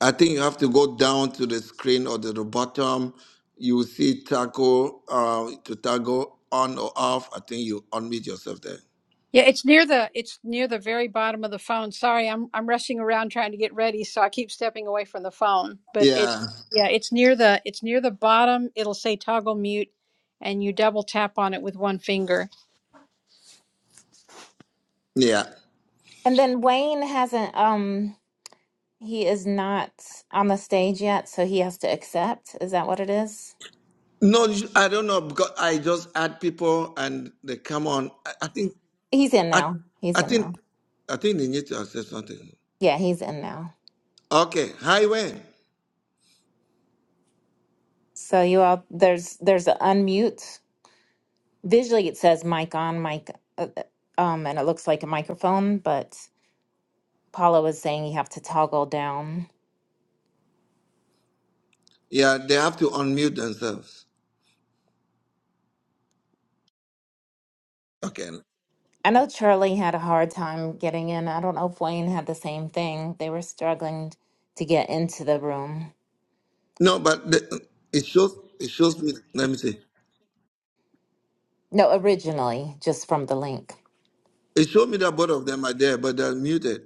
S1: I think you have to go down to the screen or to the bottom. You will see tackle uh, to toggle on or off. I think you unmute yourself there.
S4: Yeah, it's near the it's near the very bottom of the phone. Sorry, I'm I'm rushing around trying to get ready, so I keep stepping away from the phone. But it's
S1: Yeah.
S4: yeah, it's near the it's near the bottom. It'll say toggle mute, and you double tap on it with one finger.
S1: Yeah.
S2: And then Wayne hasn't um he is not on the stage yet, so he has to accept. Is that what it is?
S1: No, you- I don't know because I just add people and they come on. I, I think
S2: He's in
S1: I,
S2: now. He's
S1: I
S2: in
S1: think
S2: now.
S1: I think they need to accept something.
S2: Yeah, he's in now.
S1: Okay. Hi, Wayne.
S2: So you all there's there's an unmute Visually, it says mic on, mic, uh, uh, um, and it looks like a microphone, but Paula was saying you have to toggle down.
S1: Yeah, they have to unmute themselves. Okay.
S2: I know Charlie had a hard time getting in. I don't know if Wayne had the same thing. They were struggling to get into the room.
S1: No, but the, it shows. It shows me. Let me see.
S2: No, originally, just from the link.
S1: It showed me that both of them are there, but they're muted.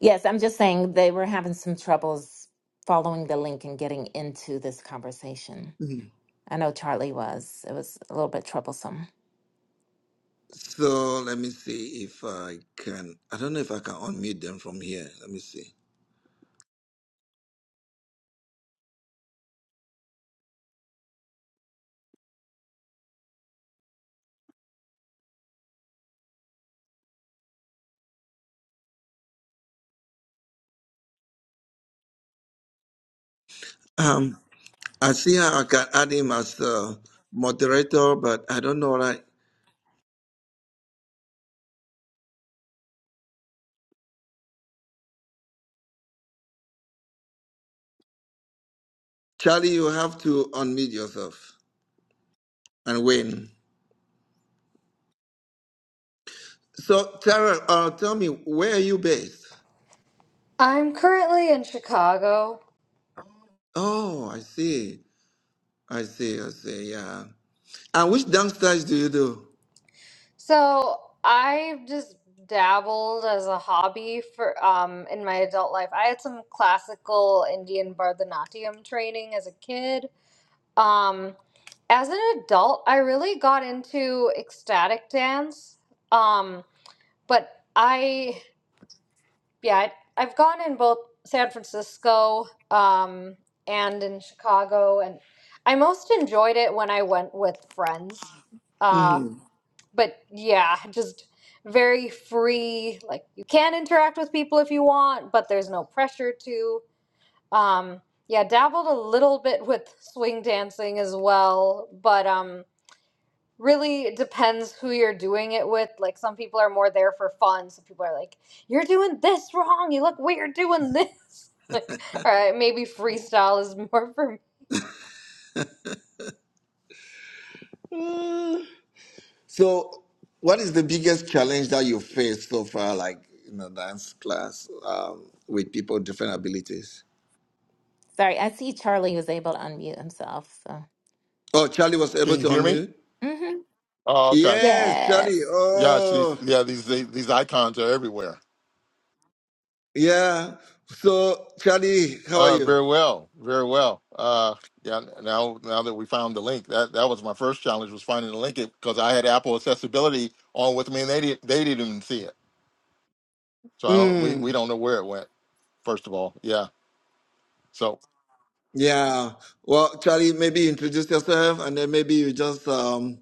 S2: Yes, I'm just saying they were having some troubles following the link and getting into this conversation.
S1: Mhm.
S2: I know Charlie was. It was a little bit troublesome.
S1: So let me see if I can. I don't know if I can unmute them from here. Let me see. Um, I see how I can add him as uh, moderator, but I don't know. Right, Charlie, you have to unmute yourself and win. So, Tara, uh, tell me where are you based?
S3: I'm currently in Chicago
S1: Oh, I see. I see. I see. Yeah. And which dance styles do you do?
S3: So I've just dabbled as a hobby for um in my adult life. I had some classical Indian Bharatanatyam training as a kid. Um, as an adult, I really got into ecstatic dance. Um, but I yeah, I- I've gone in both San Francisco um and in Chicago and I most enjoyed it when I went with friends. Uh
S1: Mhm.
S3: but yeah, just very free. Like you can interact with people if you want, but there's no pressure to. Um, yeah, dabbled a little bit with swing dancing as well, but um, really it depends who you're doing it with. Like some people are more there for fun. Some people are like, "You're doing this wrong. You look weird doing this." Like, all right, maybe freestyle is more for me.
S1: Mm. So, what is the biggest challenge that you faced so far, like in a dance class um, with people with different abilities?
S2: Sorry, I see Charlie was able to unmute himself. So.
S1: Oh, Charlie was able
S5: Can you
S1: to
S5: hear me?
S1: unmute?
S2: Mm-hmm.
S5: Oh, okay.
S1: Yes, Charlie.
S2: Yes.
S5: Yeah, she's
S1: Oh,
S5: yeah. These they- these icons are everywhere.
S1: yeah. So, Charlie, how are
S5: Uh,
S1: you?
S5: very well, very well. Uh, yeah. Now now that we found the link, that that was my first challenge was finding the link because I had Apple accessibility on with me and they did they didn't even see it. So I don't we we
S1: Mm.
S5: don't know where it went. First of all, yeah. So
S1: Yeah. Well, Charlie, maybe introduce yourself and then maybe you just um,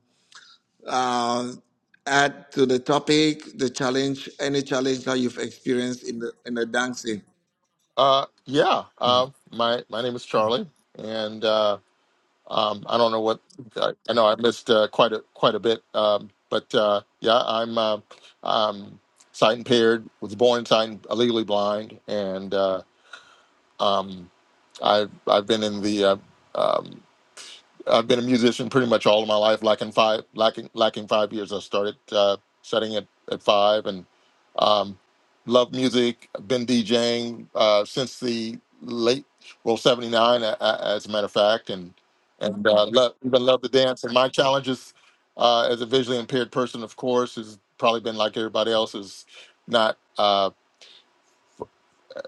S1: uh, add to the topic the challenge, any challenge that you've experienced in the in the dancing.
S5: uh, yeah. Um, my my name is Charlie and. Uh, Um, I don't know what I I know. I missed uh, quite a quite a bit, um, but uh, yeah, I'm uh, um, sight impaired. Was born sight and- illegally blind, and uh, um, I I've been in the uh, um, I've been a musician pretty much all of my life. Lacking five, lacking lacking five years, I started uh, setting at at five, and um, love music. I've Been DJing uh, since the late well seventy nine, as a matter of fact, and and uh, love even love to dance. And my challenges uh, as a visually impaired person, of course, has probably been like everybody else is not. Uh,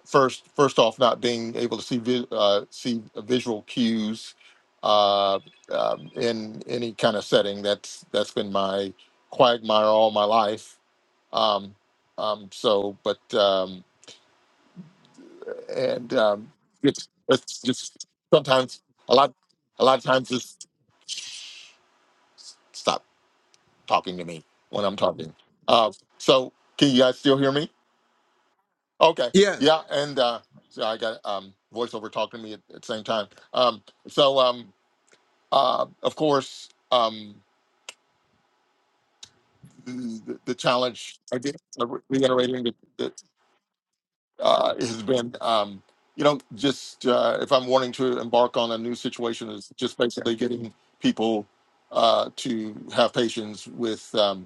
S5: first first off not being able to see vi- uh, see visual cues uh, um, in any kind of setting that's that's been my quagmire all my life um, um, so but um, and um, it's, it's just sometimes a lot a lot of times just stop talking to me when I'm talking uh, so can you guys still hear me Okay.
S1: Yeah.
S5: Yeah, and uh so I got um voiceover talking to me at, at the same time. Um so um uh of course um the, the challenge again uh, re- reiterating that, that uh it has been um you know just uh if I'm wanting to embark on a new situation is just basically getting people uh to have patience with Um,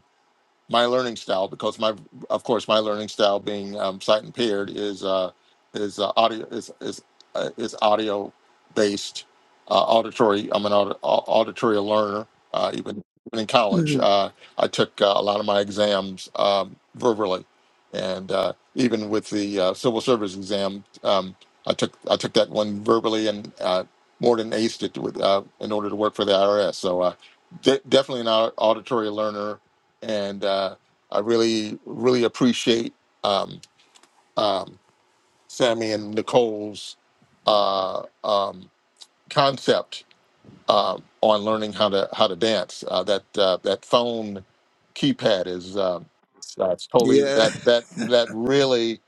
S5: my learning style because my of course my learning style being um, sight impaired is uh, is uh, audio is is uh, is audio based uh, auditory I'm an aud- au- auditory learner uh, even even in college
S1: Mhm.
S5: uh, I took uh, a lot of my exams um, verbally and uh, even with the uh, civil service exam um, I took I took that one verbally and uh, more than aced it with, uh, in order to work for the IRS so uh, de- definitely an au- auditory learner and uh, I really, really appreciate um, um, Sammy and Nicole's uh, um, concept uh, on learning how to how to dance. Uh, that uh, that phone keypad is uh, that's totally
S1: Yeah.
S5: that that that really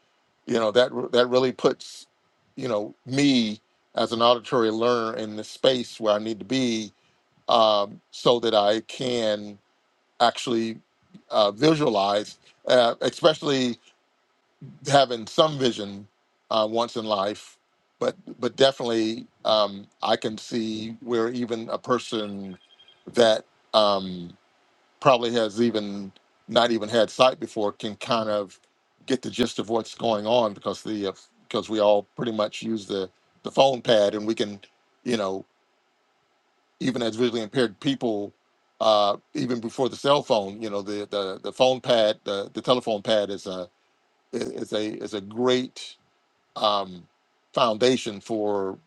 S5: you know that that really puts you know me as an auditory learner in the space where I need to be um, so that I can actually uh, visualize, uh, especially having some vision uh, once in life. But but definitely, um, I can see where even a person that um, probably has even not even had sight before can kind of get the gist of what's going on because the uh, because we all pretty much use the the phone pad and we can you know even as visually impaired people, uh, even before the cell phone, you know, the the, the phone pad, the, the telephone pad is a is a is a great um, foundation for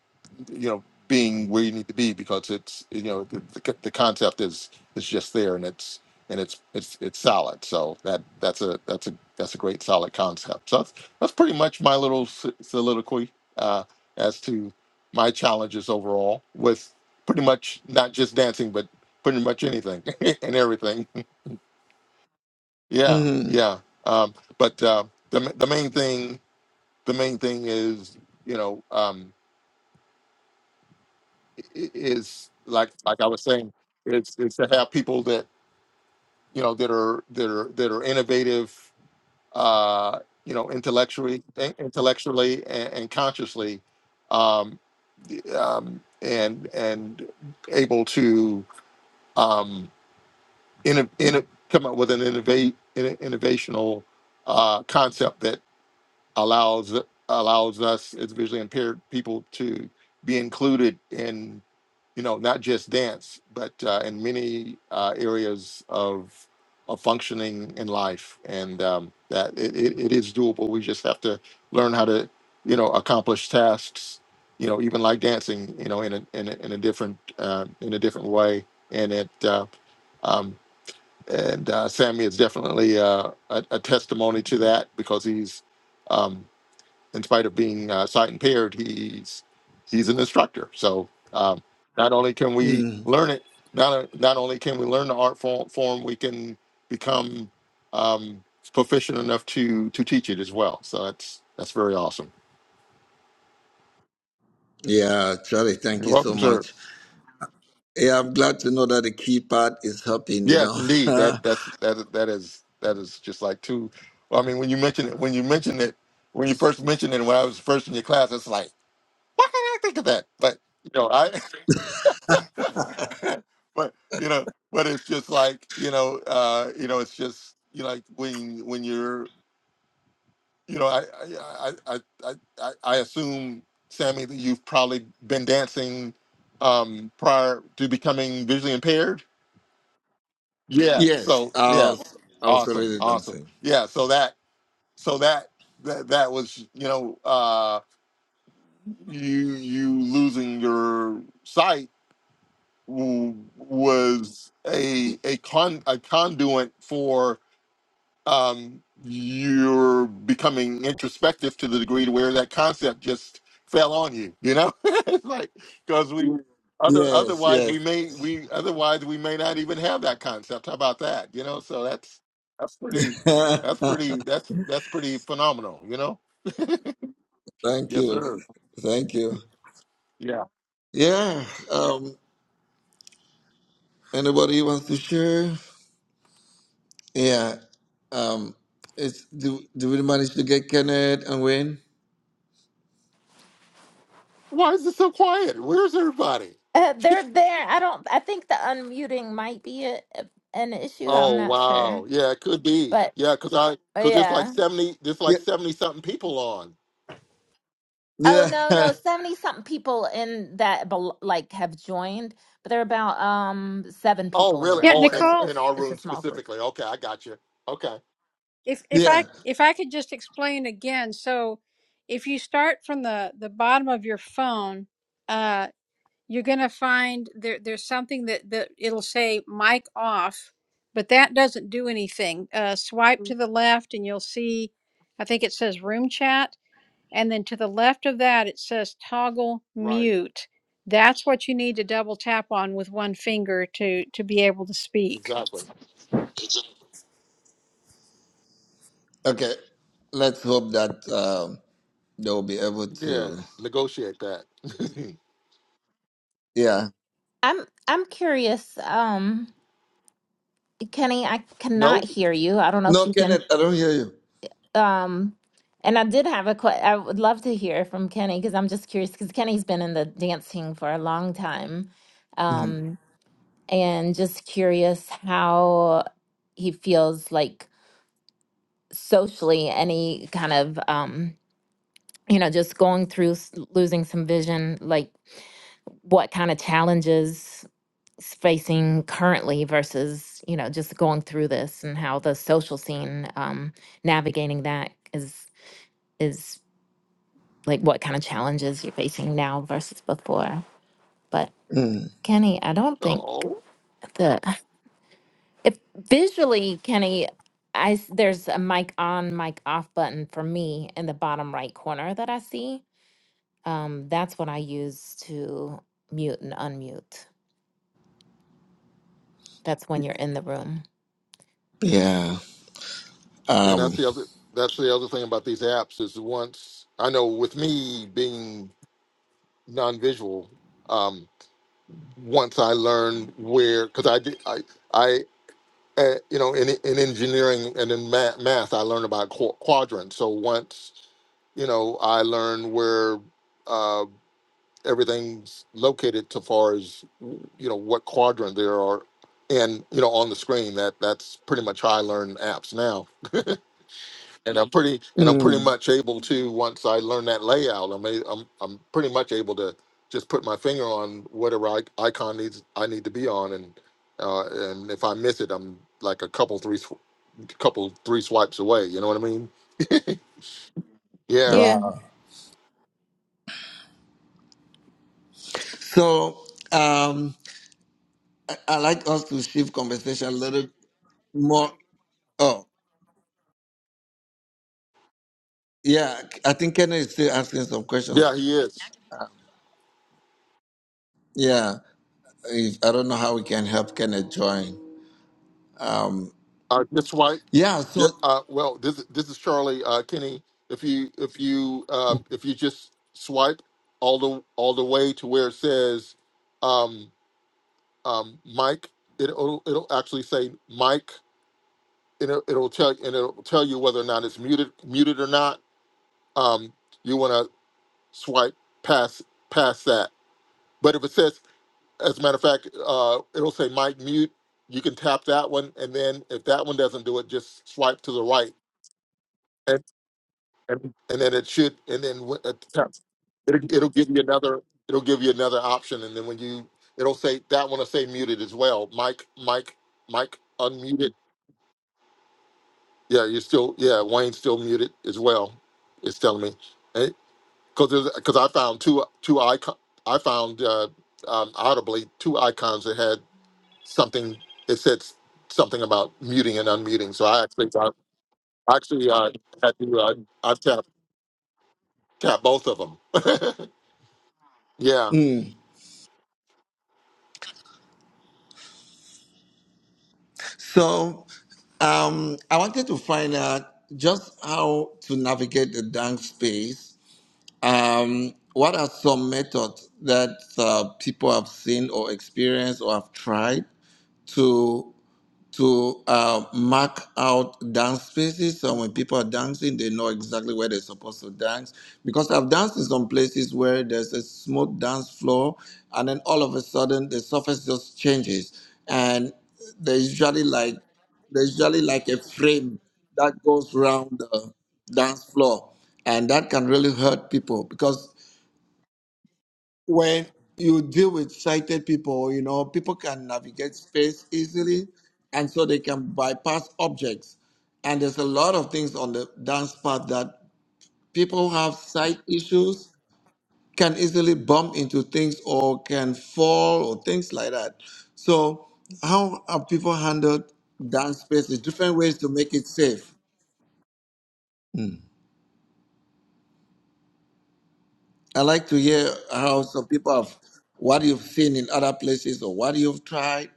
S5: you know being where you need to be because it's you know the, the, the concept is is just there and it's and it's it's it's solid so that that's a that's a that's a great solid concept so that's that's pretty much my little s- soliloquy uh as to my challenges overall with pretty much not just dancing but pretty much anything and everything yeah
S1: Mhm.
S5: yeah um but uh the, the main thing the main thing is you know um is like like I was saying, it's it's to have people that you know that are that are that are innovative, uh, you know, intellectually, in- intellectually and, and consciously, um, um, and and able to um, in, in, come up with an innovate in, innovational uh, concept allows allows us as visually impaired people to be included in you know not just dance but uh, in many uh, areas of of functioning in life and um, that it, it, it is doable we just have to learn how to you know accomplish tasks you know even like dancing you know in a in a, in a different uh, in a different way and it uh, um, and uh, Sammy is definitely uh, a, a testimony to that because he's um, in spite of being uh, sight impaired, he's he's an instructor. So um, not only can we
S1: Mhm.
S5: learn it, not not only can we learn the art form, form we can become um, proficient enough to to teach it as well. So that's that's very awesome.
S1: Yeah, Charlie, thank
S5: You're
S1: you so
S5: welcome, sir.
S1: much. Yeah, I'm glad to know that the key part is helping, you
S5: Yes,
S1: know.
S5: indeed. That that's that that is that is just like two. Well, I mean, when you mention it, when you mention it, when you first mentioned it, when I was first in your class, it's like, why can't I think of that? But you know, I but you know, but it's just like you know, uh, you know, it's just you know, like when when you're, you know, I I I I I, I assume Sammy that you've probably been dancing um prior to becoming visually impaired. Yeah.
S1: yes,
S5: So
S1: I
S5: yeah,
S1: was, I was
S5: awesome,
S1: already
S5: awesome.
S1: dancing.
S5: Yeah. So that so that that that was you know uh you you losing your sight w- was a a con a conduit for um you're becoming introspective to the degree to where that concept just fell on you you know it's like because we other
S1: Yes,
S5: otherwise
S1: yes.
S5: we may we otherwise we may not even have that concept how about that you know so that's that's pretty that's pretty that's that's pretty phenomenal you know
S1: thank
S5: yes
S1: you.
S5: sir
S1: Thank you.
S5: yeah
S1: Yeah. Um anybody wants to share? Yeah. Um, it's do do we manage to get Kenneth and Wayne?
S5: why is it so quiet where's everybody
S2: Uh, they're there. I don't, I think the unmuting might be a, an issue. I'm
S5: Oh
S2: not sure.
S5: wow, yeah, it could be,
S2: But
S5: yeah, because I
S2: uh,
S5: because there's like
S2: yeah.
S5: seventy, there's
S1: Yeah.
S5: like seventy something people on.
S2: Oh,
S1: Yeah.
S2: no, no. 70 something people in that bel like have joined, but there are about um seven
S5: Oh
S2: people in the
S5: really?
S4: Yeah,
S2: room.
S5: Oh,
S2: So
S5: in
S2: it's
S4: Nicole,
S5: in
S2: it's
S5: our
S2: it's a
S5: room
S2: small group.
S5: specifically. Okay, I got you. Okay,
S4: if if
S2: Yeah.
S1: yeah.
S4: i if i could just explain again so if you start from the the bottom of your phone uh you're going to find there there's something that that it'll say mic off but that doesn't do anything uh swipe to the left and you'll see i think it says room chat and then to the left of that it says toggle
S5: right,
S4: mute that's what you need to double tap on with one finger to to be able to speak
S5: exactly.
S1: Okay. Let's hope that um they'll be able
S5: Yeah,
S1: to.
S5: negotiate that.
S1: Yeah.
S2: I'm I'm curious. Um Kenny, I cannot
S5: nope.
S2: hear you. I don't know if
S1: No,
S2: you can.
S1: Kenneth, I don't hear you.
S2: Um, and I did have a que- I would love to hear from Kenny because I'm just curious because Kenny's been in the dancing for a long time.
S1: Mm.
S2: Um, and just curious how he feels like socially any kind of um, you know, just going through s- losing some vision, like what kind of challenges s- facing currently versus, you know, just going through this and how the social scene um navigating that is is like what kind of challenges you're facing now versus before. But
S1: Mm.
S2: Kenny, I don't think
S5: Oh,
S2: the if visually, Kenny, I s- there's a mic on, mic off button for me in the bottom right corner that I see. Um, that's what I use to mute and unmute. That's when you're in the room.
S1: Yeah.
S5: and that's
S1: Um.
S5: the other. That's the other thing about these apps is once I know with me being non-visual, um, once I learned where because I did I. I uh, you know, in in engineering and in math, math I learned about qu- quadrants. So once you know, I learned where uh, everything's located, so far as you know, what quadrant there are, and you know, on the screen. That that's pretty much how I learn apps now. And I'm pretty and I'm pretty
S1: mm.
S5: much able to once I learn that layout, I'm a, I'm I'm pretty much able to just put my finger on whatever I, icon needs I need to be on, and uh, and if I miss it, I'm like a couple three a couple, three swipes away. You know what I mean? Yeah,
S2: Yeah,
S1: Wow. So um, I, I like us to shift conversation a little more. Oh, yeah. I think Kenneth is still asking some
S5: yeah,
S1: questions.
S5: he is.
S1: Yeah, if, I don't know how we can help Kenneth join. Um,
S5: Uh, this swipe.
S1: yeah,
S5: ju-
S1: so
S5: Uh, well, this this is Charlie uh, Kenny. If you if you uh, if you just swipe all the all the way to where it says um, um, Mike, it, it'll it'll actually say Mike. and It'll, it'll tell and it'll tell you whether or not it's muted muted or not. Um, you want to swipe past past that. But if it says As a matter of fact, uh, it'll say mic mute. You can tap that one, and then if that one doesn't do it, just swipe to the right, and and, and then it should, and then wh- uh, tap. It'll, it'll give you another. It'll give you another option, and then when you, it'll say that one will say muted as well. Mic, mic, mic, unmuted. Yeah, you're still. Yeah, Wayne's still muted as well. It's telling me, because because I found two two icon. I found uh, um, audibly two icons that had something it said s- something about muting and unmuting. So I actually I actually uh, had to uh, I've tapped tapped both of them. yeah.
S1: mm, so um, I wanted to find out just how to navigate the dank space. Um, what are some methods that uh, people have seen or experienced or have tried to? to uh, mark out dance spaces. So when people are dancing, they know exactly where they're supposed to dance. Because I've danced in some places where there's a smooth dance floor, and then all of a sudden the surface just changes, and there's usually like there's usually like a frame that goes around the dance floor, and that can really hurt people because when you deal with sighted people, you know, people can navigate space easily and so they can bypass objects. And there's a lot of things on the dance path that people who have sight issues can easily bump into things or can fall or things like that. So, how have people handled dance spaces? Different ways to make it safe. Mm. I like to hear how some people have what you've seen in other places or what you've tried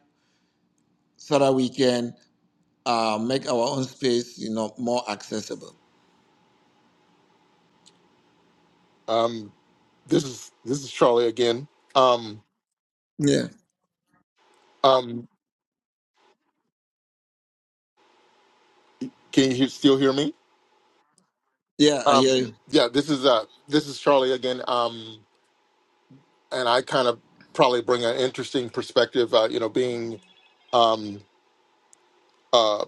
S1: so that we can uh, make our own space, you know, more accessible.
S5: Um. This is this is Charlie again. Um.
S1: Yeah,
S5: Um. Can you he- still hear me?
S1: yeah, I hear
S5: Um.
S1: you.
S5: Yeah. This is uh. This is Charlie again. Um. And I kind of probably bring an interesting perspective. Uh, you know, being um. uh,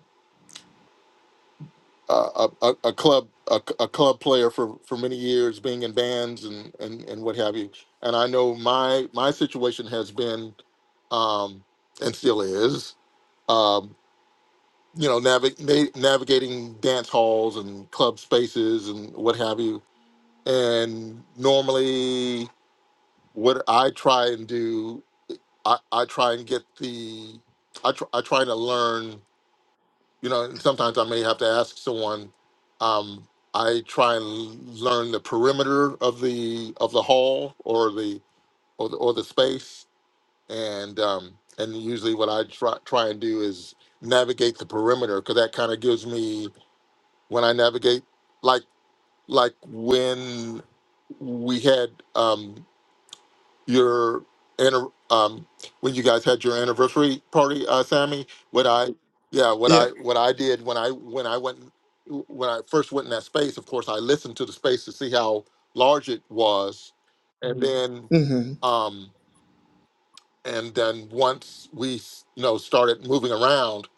S5: uh, a, a a club a, c- a club player for, for many years, being in bands and, and, and what have you. And I know my my situation has been um, and still is um, you know navi- na- navigating dance halls and club spaces and what have you. And normally, what I try and do, I, I try and get the I, tr- I try to learn you know, and sometimes I may have to ask someone. Um, I try and learn the perimeter of the of the hall or the or the, or the space, and um, and usually what I try try and do is navigate the perimeter because that kind of gives me when I navigate like like when we had um, your anni- um when you guys had your anniversary party uh sammy what i yeah what
S1: Yeah,
S5: i what i did when i when i went when i first went in that space of course i listened to the space to see how large it was and Mhm. then
S1: mm-hmm.
S5: um and then once we you know started moving around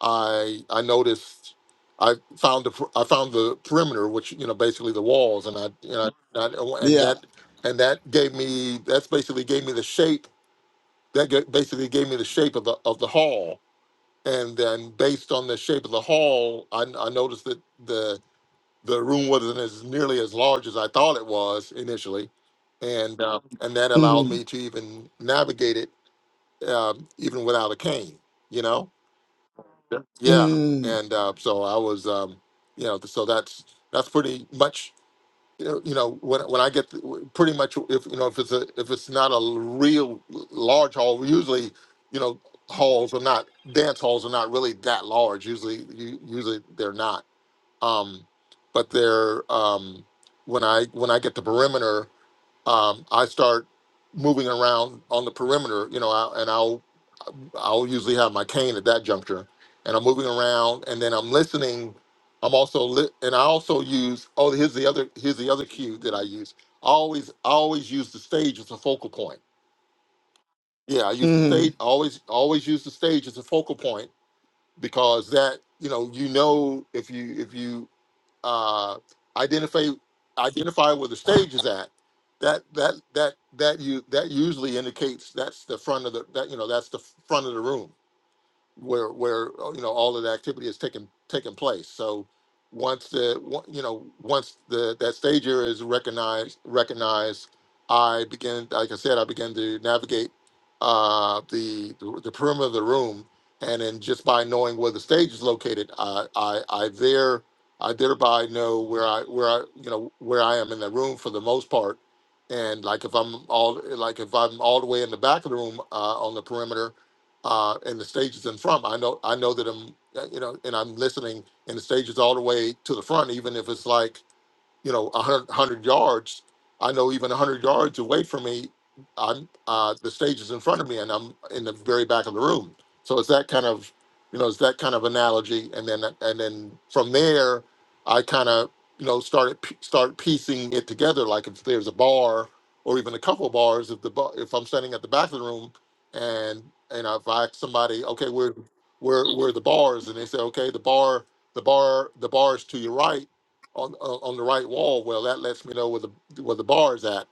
S5: i i noticed I found the per- I found the perimeter, which you know basically the walls, and I you know and, I, and
S1: yeah,
S5: that and that gave me that's basically gave me the shape that ga- basically gave me the shape of the of the hall. And then based on the shape of the hall, I, I noticed that the the room wasn't as nearly as large as I thought it was initially, and uh, Mhm. and that allowed
S1: mm-hmm.
S5: me to even navigate it um, even without a cane. You know, yeah. yeah.
S1: Mm-hmm.
S5: And uh, so I was, um, you know, so that's that's pretty much you know, you know, when when I get pretty much if you know if it's a if it's not a real large hall, usually you know halls are not dance halls are not really that large. Usually, u- usually they're not. Um, but they're um, when I when I get the perimeter, um, I start moving around on the perimeter. You know, I, and I'll I'll usually have my cane at that juncture, and I'm moving around, and then I'm listening. I'm also li- and I also use oh here's the other here's the other cue that I use. I always I always use the stage as a focal point. Yeah, I use the
S1: Mm-hmm.
S5: stage. I always always use the stage as a focal point because that you know you know if you if you uh, identify identify where the stage is at that that that that you that usually indicates that's the front of the that you know that's the front of the room where where uh, you know all of the activity is taking taking place. So once the on- you know once the that stage area is recognized recognized, I begin like I said I begin to navigate uh, the the perimeter of the room, and then just by knowing where the stage is located, I I, I there I thereby know where I where I you know where I am in the room for the most part. And like if I'm all like if I'm all the way in the back of the room uh, on the perimeter, uh, and the stages in front. I know I know that I'm uh, you know, and I'm listening, and the stages all the way to the front, even if it's like you know, a hundred hundred yards. I know even 100 yards away from me, I'm uh, the stage is in front of me, and I'm in the very back of the room. So it's that kind of, you know, it's that kind of analogy, and then and then from there, I kind of you know started p- start piecing it together. Like if there's a bar or even a couple of bars, if the bar, if I'm standing at the back of the room, and and if I ask somebody, okay, where where where are the bars, and they say, okay, the bar the bar the bar is to your right on on on the right wall. Well, that lets me know where the where the bar is at,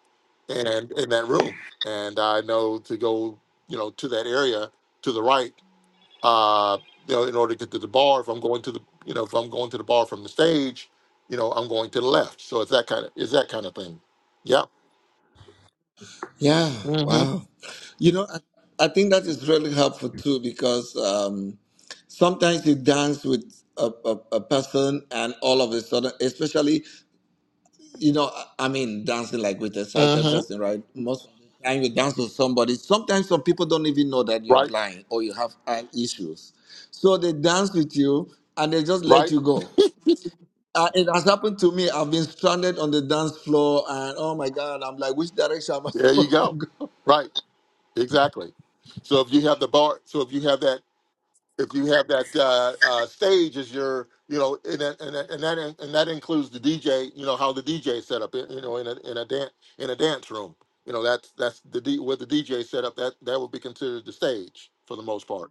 S5: and in that room. And I know to go, you know, to that area to the right, uh, you know, in order to get to the bar. If I'm going to the, you know, if I'm going to the bar from the stage, you know, I'm going to the left. So it's that kind of it's that kind of thing. Yeah.
S1: yeah.
S5: Mm-hmm.
S1: Wow, you know, I, I think that is really helpful too because um, sometimes you dance with a, a, a person and all of a sudden, especially you know, I mean, dancing like with a sighted
S5: Mm-hmm.
S1: person, right? Most of the time you dance with somebody. Sometimes some people don't even know that you're
S5: Right.
S1: blind or you have eye issues. So they dance with you and they just let
S5: Right.
S1: you go. Uh, it has happened to me. I've been stranded on the dance floor and oh my God, I'm like, which direction am I
S5: There you
S1: supposed to
S5: go.
S1: go?
S5: Right. Exactly. So if you have the bar, so if you have that if you have that uh, uh, stage as your, you know, and that and that and that, and that includes the DJ, you know, how the DJ is set up, you know, in a in a dance in a dance room, you know, that's that's the D, with the DJ set up that that would be considered the stage for the most part,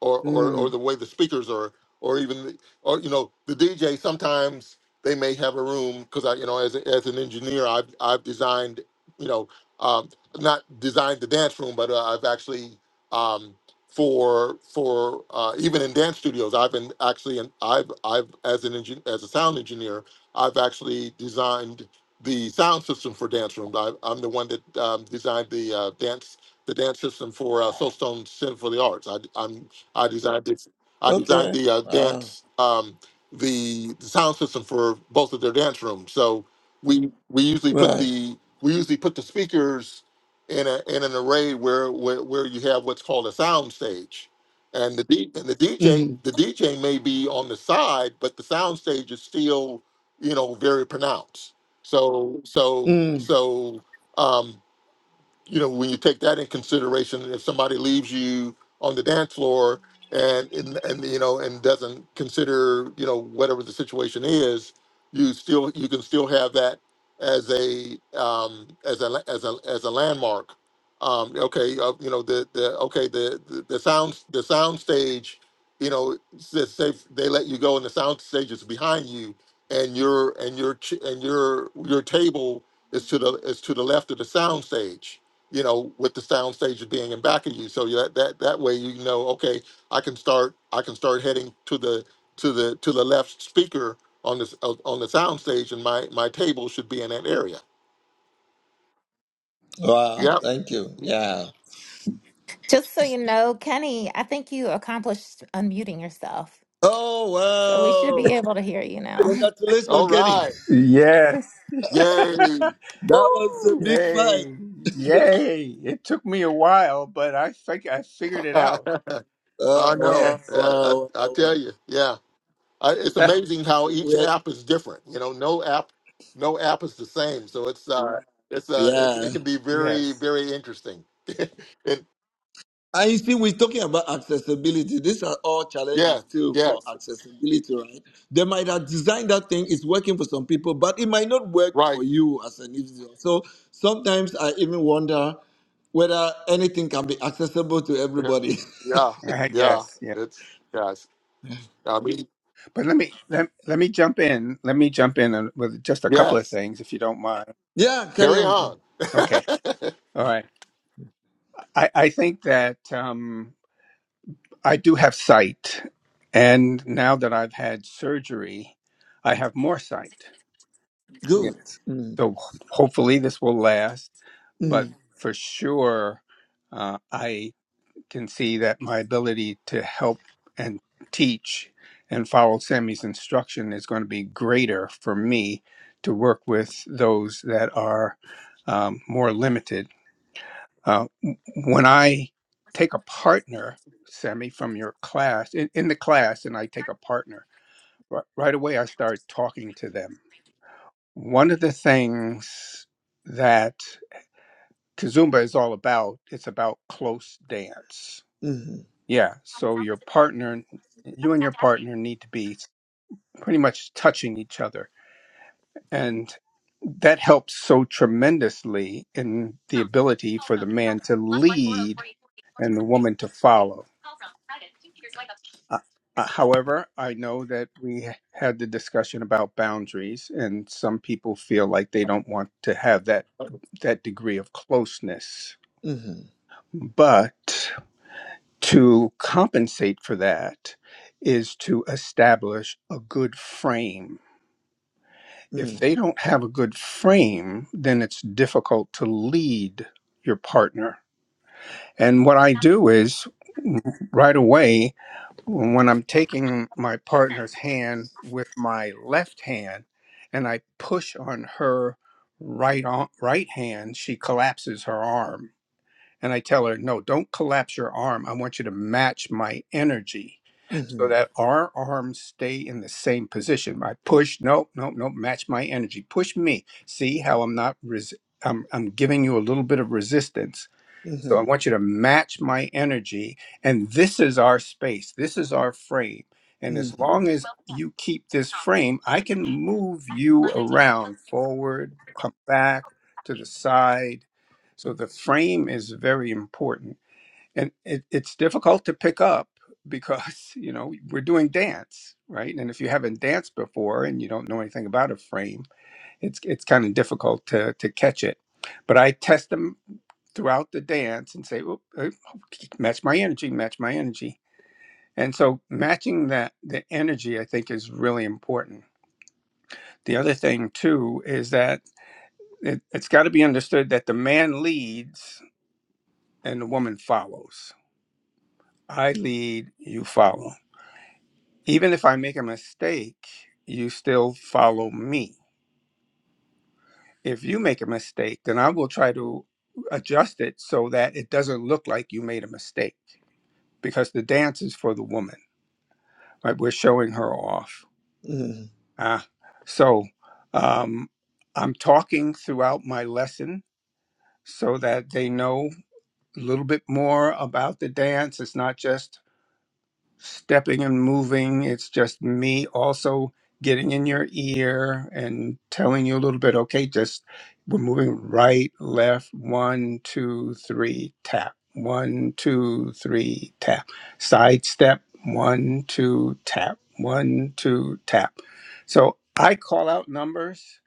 S5: or or or
S1: Mm,
S5: the way the speakers are, or even the- or you know, the DJ sometimes they may have a room because I, you know, as a, as an engineer, I've I've designed, you know, um, not designed the dance room, but uh, I've actually. Um, for for uh, even in dance studios. I've been actually, and I've I've as an engin- as a sound engineer, I've actually designed the sound system for dance rooms. I, I'm the one that um, designed the uh, dance the dance system for uh, Soulstone Center for the Arts. I I'm, I designed it. I designed
S1: okay.
S5: the uh,
S1: Wow.
S5: dance um, the, the sound system for both of their dance rooms. So we we usually put
S1: Right.
S5: the we usually put the speakers in, a, in an array where, where where you have what's called a sound stage, and the D, and the DJ
S1: Mm,
S5: the DJ may be on the side, but the sound stage is still you know very pronounced. So so
S1: mm.
S5: so. Um, you know, when you take that in consideration, if somebody leaves you on the dance floor and and, and you know and doesn't consider you know whatever the situation is, you still you can still have that as a um, as a as a as a landmark. Um, okay, uh, you know the the okay the the, the sound the sound stage, you know, s- say if they let you go and the sound stage is behind you, and your and your ch- and your your table is to the is to the left of the sound stage you know, with the sound stage being in back of you. So yeah, that that that way you know, okay, I can start I can start heading to the to the to the left speaker on this uh, on the sound stage, and my my table should be in that area.
S1: Wow.
S5: Yep.
S1: Thank you. Yeah.
S2: Just so you know, Kenny, I think you accomplished unmuting yourself. So we should
S1: Oh,
S2: be
S1: wow.
S2: able to hear you now.
S1: Congratulations,
S5: All
S1: Kenny.
S5: right.
S6: Yes.
S5: Yay.
S1: That was a
S5: Woo!
S1: big fight.
S6: Yay. Yay. It took me a while, but I think I figured it out.
S1: Oh
S5: I know.
S1: wow,
S6: Yes.
S5: Yeah, I,
S1: wow,
S5: I
S1: wow,
S5: tell
S1: wow.
S5: you. Yeah. I, it's
S6: Ah,
S5: amazing how each
S1: We are,
S5: app is different. You know, no app, no app is the same. So it's uh, Right. it's uh, it,
S1: yeah.
S5: it can be very
S6: yes.
S5: very interesting. in
S1: And you see, we're talking about accessibility. These are all
S5: Yeah,
S1: challenges still for
S5: yes,
S1: accessibility, right? They might have designed that thing, it's working for some people, but it might not work
S5: right.
S1: for you as an individual. So sometimes I even wonder whether anything can be accessible to everybody.
S5: Yeah, yeah,
S6: Ah,
S5: yeah.
S6: yes. Yeah.
S5: It's yes. I mean,
S6: But let me let, let me jump in. Let me jump in on- with just a couple of
S5: yes.
S6: things if you don't mind.
S1: yeah, carry
S5: Carry
S1: on. Ken.
S5: on.
S6: Okay. All right. I, I think that um, I do have sight. And now that I've had surgery, I have more sight.
S1: Good.
S6: Yes.
S1: Mm,
S6: So hopefully this will last but
S1: mm,
S6: Yeah. for sure, uh, I can see that my ability to help and teach and follow Sammy's instruction is going to be greater for me to work with those that are um, more limited. Uh, w- when I take a partner, Sammy, from your class, in, in the class, and I take a partner, ri- right away I start talking to them. One of the things that Kazumba is all about. It's about close dance.
S1: mhm,
S6: Yeah. So your partner, you and your partner need to be pretty much touching each other. And that helps so tremendously in the ability for the man to lead and the woman to follow. Uh, uh, however, I know that we had the discussion about boundaries, and some people feel like they don't want to have that that degree of closeness.
S1: mhm,
S6: But To compensate for that is to establish a good frame. If
S1: mm,
S6: they don't have a good frame, then it's difficult to lead your partner. And what I do is right away, when I'm taking my partner's hand with my left hand and I push on her right on, right hand, she collapses her arm and I tell her, no, don't collapse your arm. I want you to match my energy so
S1: mhm,
S6: that our arms stay in the same position. I push, no, no, no, match my energy. Push me. See how I'm not, res- I'm, I'm giving you a little bit of resistance so I
S1: mhm,
S6: want you to match my energy. And this is our space, this is our frame. And as
S1: mhm,
S6: long as you keep this frame, I can move you around forward, come back to the side. So the frame is very important. And it, it's difficult to pick up because, you know, we're doing dance, right? And if you haven't danced before and you don't know anything about a frame, it's it's kind of difficult to to catch it. But I test them throughout the dance and say, "Oop, oop, match my energy, match my energy. And so matching that the energy, I think, is really important. The other thing too is that it, it's got to be understood that the man leads and the woman follows. I lead, you follow. Even if I make a mistake, you still follow me if you make a mistake, then I will try to adjust it so that it doesn't look like you made a mistake because the dance is for the woman, right? We're showing her off.
S1: mhm,
S6: Ah, so um, I'm talking throughout my lesson so that they know a little bit more about the dance. It's not just stepping and moving. It's just me also getting in your ear and telling you a little bit, okay, just we're moving right, left, one, two, three, tap. One, two, three, tap. Side step, one, two, tap. One, two, tap. So I call out numbers,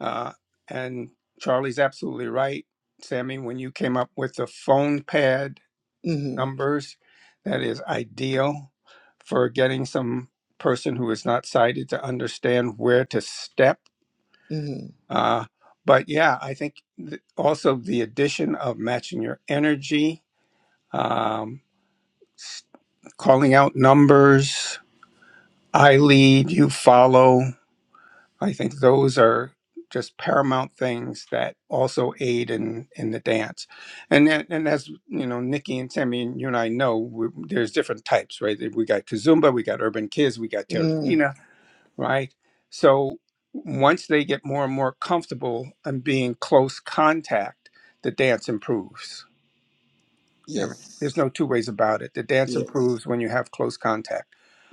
S6: uh, and Charlie's absolutely right. Sammy, when you came up with the phone pad,
S1: mhm,
S6: numbers that is ideal for getting some person who is not sighted to understand where to step.
S1: mhm.
S6: Uh, but yeah, I think th- also the addition of matching your energy, um, calling out numbers, I lead, you follow. I think those are just paramount things that also aid in in the dance, and then- and as you know, Nikki and Tammy and you and I know, we, there's different types, right? We got Kazumba, we got Urban Kids, we got
S1: Mm.
S6: Terracina, right? So once they get more and more comfortable and being close contact, the dance improves. I mean,
S1: Yes.
S6: there's no two ways about it. The dance
S1: Yes.
S6: improves when you have close contact.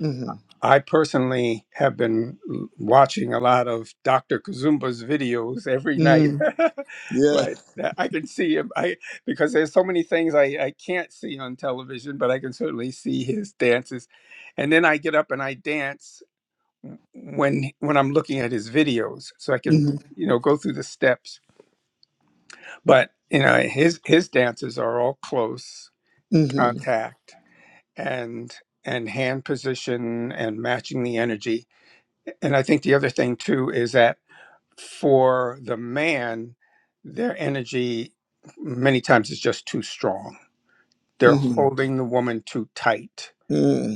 S1: Mm-hmm.
S6: I personally have been watching a lot of Dr. Kazumba's videos every night.
S1: Mm-hmm. Yeah.
S6: right, I can see him. I because there's so many things I, I can't see on television, but I can certainly see his dances. And then I get up and I dance when when I'm looking at his videos, so I can
S1: Mm-hmm.
S6: you know go through the steps. But you know his his dances are all close
S1: Mm-hmm.
S6: contact and and hand position and matching the energy and I think the other thing too is that for the man, their energy many times is just too strong. They're
S1: Mm-hmm.
S6: holding the woman too tight.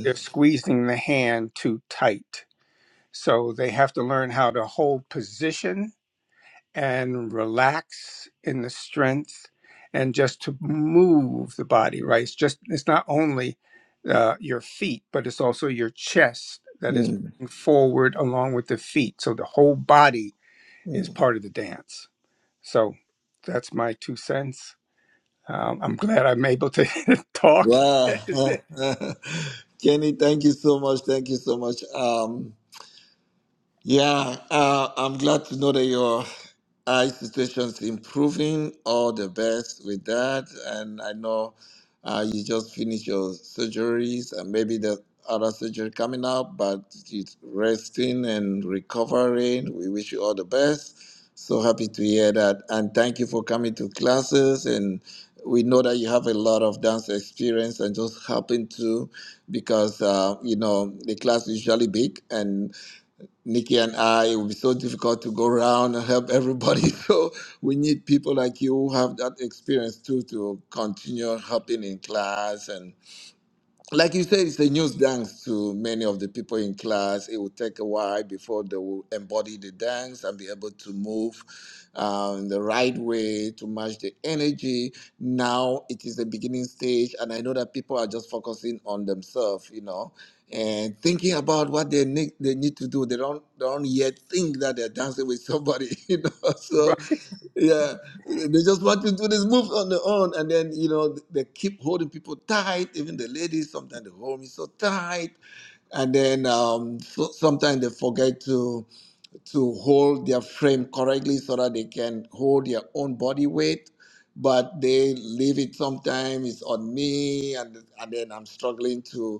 S6: They're squeezing the hand too tight. So they have to learn how to hold position and relax in the strength and just to move the body, right? It's just, it's not only uh, your feet, but it's also your chest that is
S1: Mm-hmm.
S6: forward along with the feet. So the whole body is
S1: Mm-hmm.
S6: part of the dance. So that's my two cents. Um, I'm glad I'm able to talk.
S1: Wow. Kenny, thank you so much. Thank you so much. Um, Yeah, uh, I'm glad to know that your eye situation's improving. All the best with that. And I know uh, you just finished your surgeries and maybe the other surgery coming up, but it's resting and recovering. We wish you all the best. So happy to hear that. And thank you for coming to classes. And we know that you have a lot of dance experience and just happen to because, uh, you know, the class is usually big and. Nikki and I, it would be so difficult to go around and help everybody. So we need people like you who have that experience too to continue helping in class and like you said, it's a news dance to many of the people in class. It will take a while before they will embody the dance and be able to move um, the right way to match the energy. Now it is the beginning stage, and I know that people are just focusing on themselves, you know, and thinking about what they need they need to do. They don't they don't yet think that they're dancing with somebody, you know. So
S6: right.
S1: yeah, they just want to do this move on their own, and then you know they keep holding people tight. Even the ladies sometimes they hold me so tight, and then um, so, sometimes they forget to to hold their frame correctly so that they can hold their own body weight. But they leave it sometimes it's on me, and and then I'm struggling to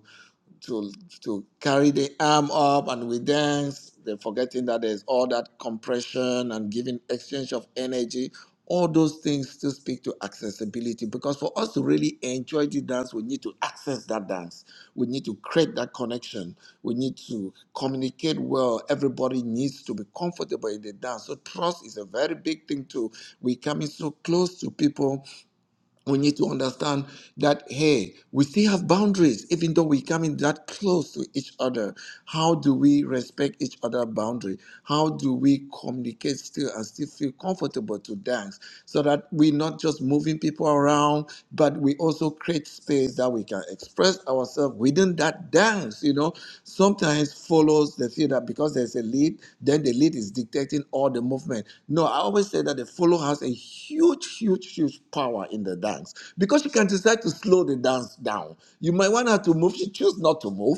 S1: to to carry the arm up and we dance. They're forgetting that there's all that compression and giving exchange of energy. All those things still speak to accessibility because for us to really enjoy the dance, we need to access that dance. We need to create that connection. We need to communicate well. Everybody needs to be comfortable in the dance. So trust is a very big thing too. We're coming so close to people we need to understand that hey we still have boundaries even though we come in that close to each other how do we respect each other's boundary how do we communicate still and still feel comfortable to dance so that we're not just moving people around but we also create space that we can express ourselves within that dance, you know, sometimes follows the feel that because there's a lead, then the lead is dictating all the movement. No, I always say that the follow has a huge, huge, huge power in the dance because she can decide to slow the dance down. You might want her to move, she choose not to move.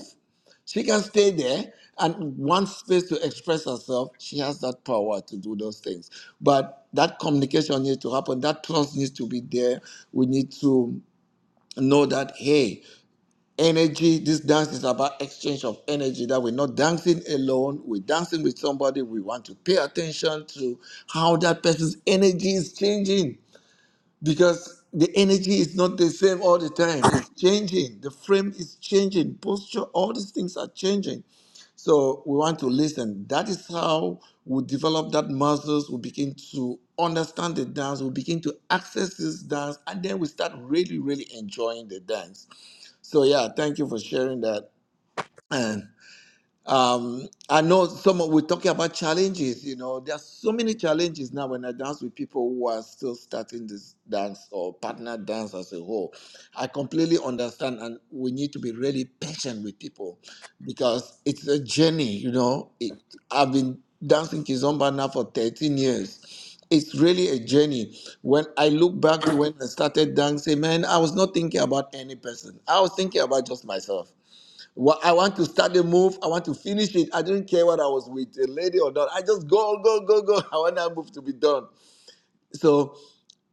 S1: She can stay there and want space to express herself. She has that power to do those things. But that communication needs to happen. That trust needs to be there. We need to know that, hey, energy this dance is about exchange of energy that we're not dancing alone we're dancing with somebody we want to pay attention to how that person's energy is changing because the energy is not the same all the time it's changing the frame is changing posture all these things are changing so we want to listen that is how we develop that muscles we begin to understand the dance we begin to access this dance and then we start really really enjoying the dance so yeah, thank you for sharing that. And um, I know some of, we're talking about challenges, you know, there are so many challenges now when I dance with people who are still starting this dance or partner dance as a whole. I completely understand, and we need to be really patient with people because it's a journey, you know. It, I've been dancing Kizomba now for 13 years. It's really a journey. When I look back to when I started dancing, man, I was not thinking about any person. I was thinking about just myself. Well, I want to start the move. I want to finish it. I didn't care whether I was with a lady or not. I just go, go, go, go. I want that move to be done. So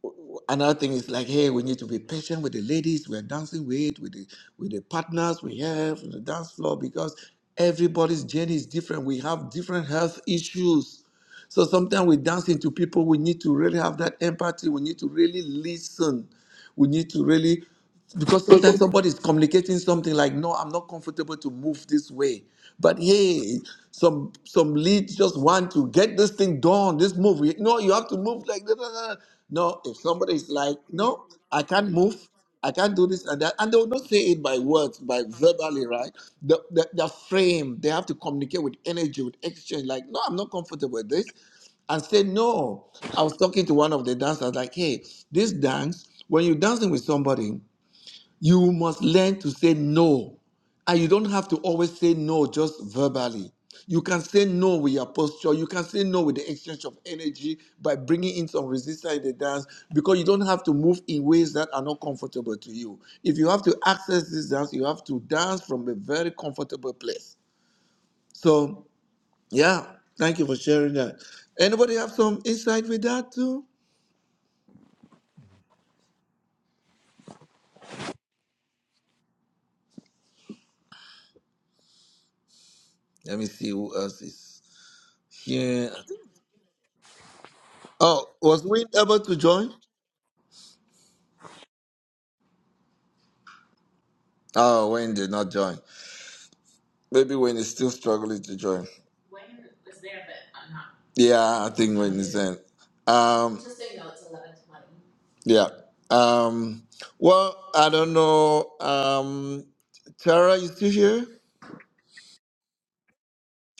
S1: w- w- another thing is like, hey, we need to be patient with the ladies we're dancing with, with the with the partners we have on the dance floor, because everybody's journey is different. We have different health issues. So sometimes we dance into people. We need to really have that empathy. We need to really listen we need to really, because sometimes somebody is communicating something like, "No, I'm not comfortable to move this way," but hey, some some leads just want to get this thing done, this move. You- No, you have to move like that. that, that. No, if somebody is like, "No, I can't move," I can't do this and that. And they will not say it by words, by verbally, right? The, the, the frame, they have to communicate with energy, with exchange. Like, no, I'm not comfortable with this and say no. I was talking to one of the dancers, like, hey, this dance, when you're dancing with somebody, you must learn to say no. And you don't have to always say no just verbally. You can say no with your posture. You can say no with the exchange of energy by bringing in some resistance in the dance because you don't have to move in ways that are not comfortable to you. If you have to access this dance, you have to dance from a very comfortable place. So yeah, thank you for sharing that. Anybody have some insight with that too? Let me see who else is here. I think- Oh, was Wayne able to join? Oh, Wayne did not join. Maybe Wayne is still struggling to join. Yeah, I think Wayne is in. Um, yeah. Um, well, I don't know. Um, Tara, you still here?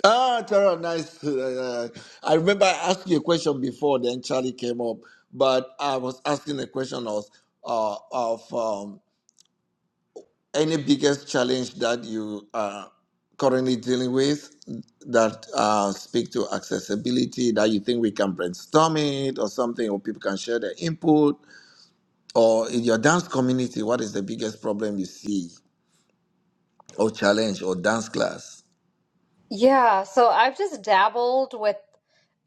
S1: Ah, Tara, nice. Uh, I remember I asked you a question before, then Charlie came up, but I was asking a question of, uh, of um, any biggest challenge that you are currently dealing with that uh, speak to accessibility that you think we can brainstorm it or something, or people can share their input, or in your dance community, what is the biggest problem you see or challenge or dance class?
S3: Yeah, so I've just dabbled with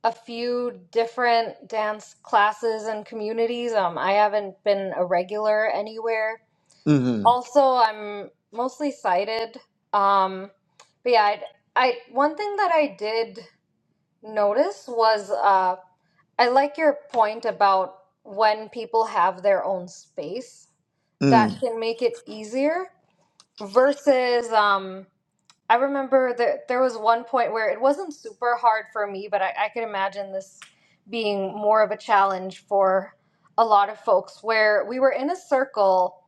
S3: a few different dance classes and communities. Um, I haven't been a regular anywhere.
S1: Mm-hmm.
S3: Also, I'm mostly sighted. Um, but yeah, I, I one thing that I did notice was uh, I like your point about when people have their own space that
S1: Mm-hmm.
S3: can make it easier versus um I remember that there was one point where it wasn't super hard for me, but I, I could imagine this being more of a challenge for a lot of folks where we were in a circle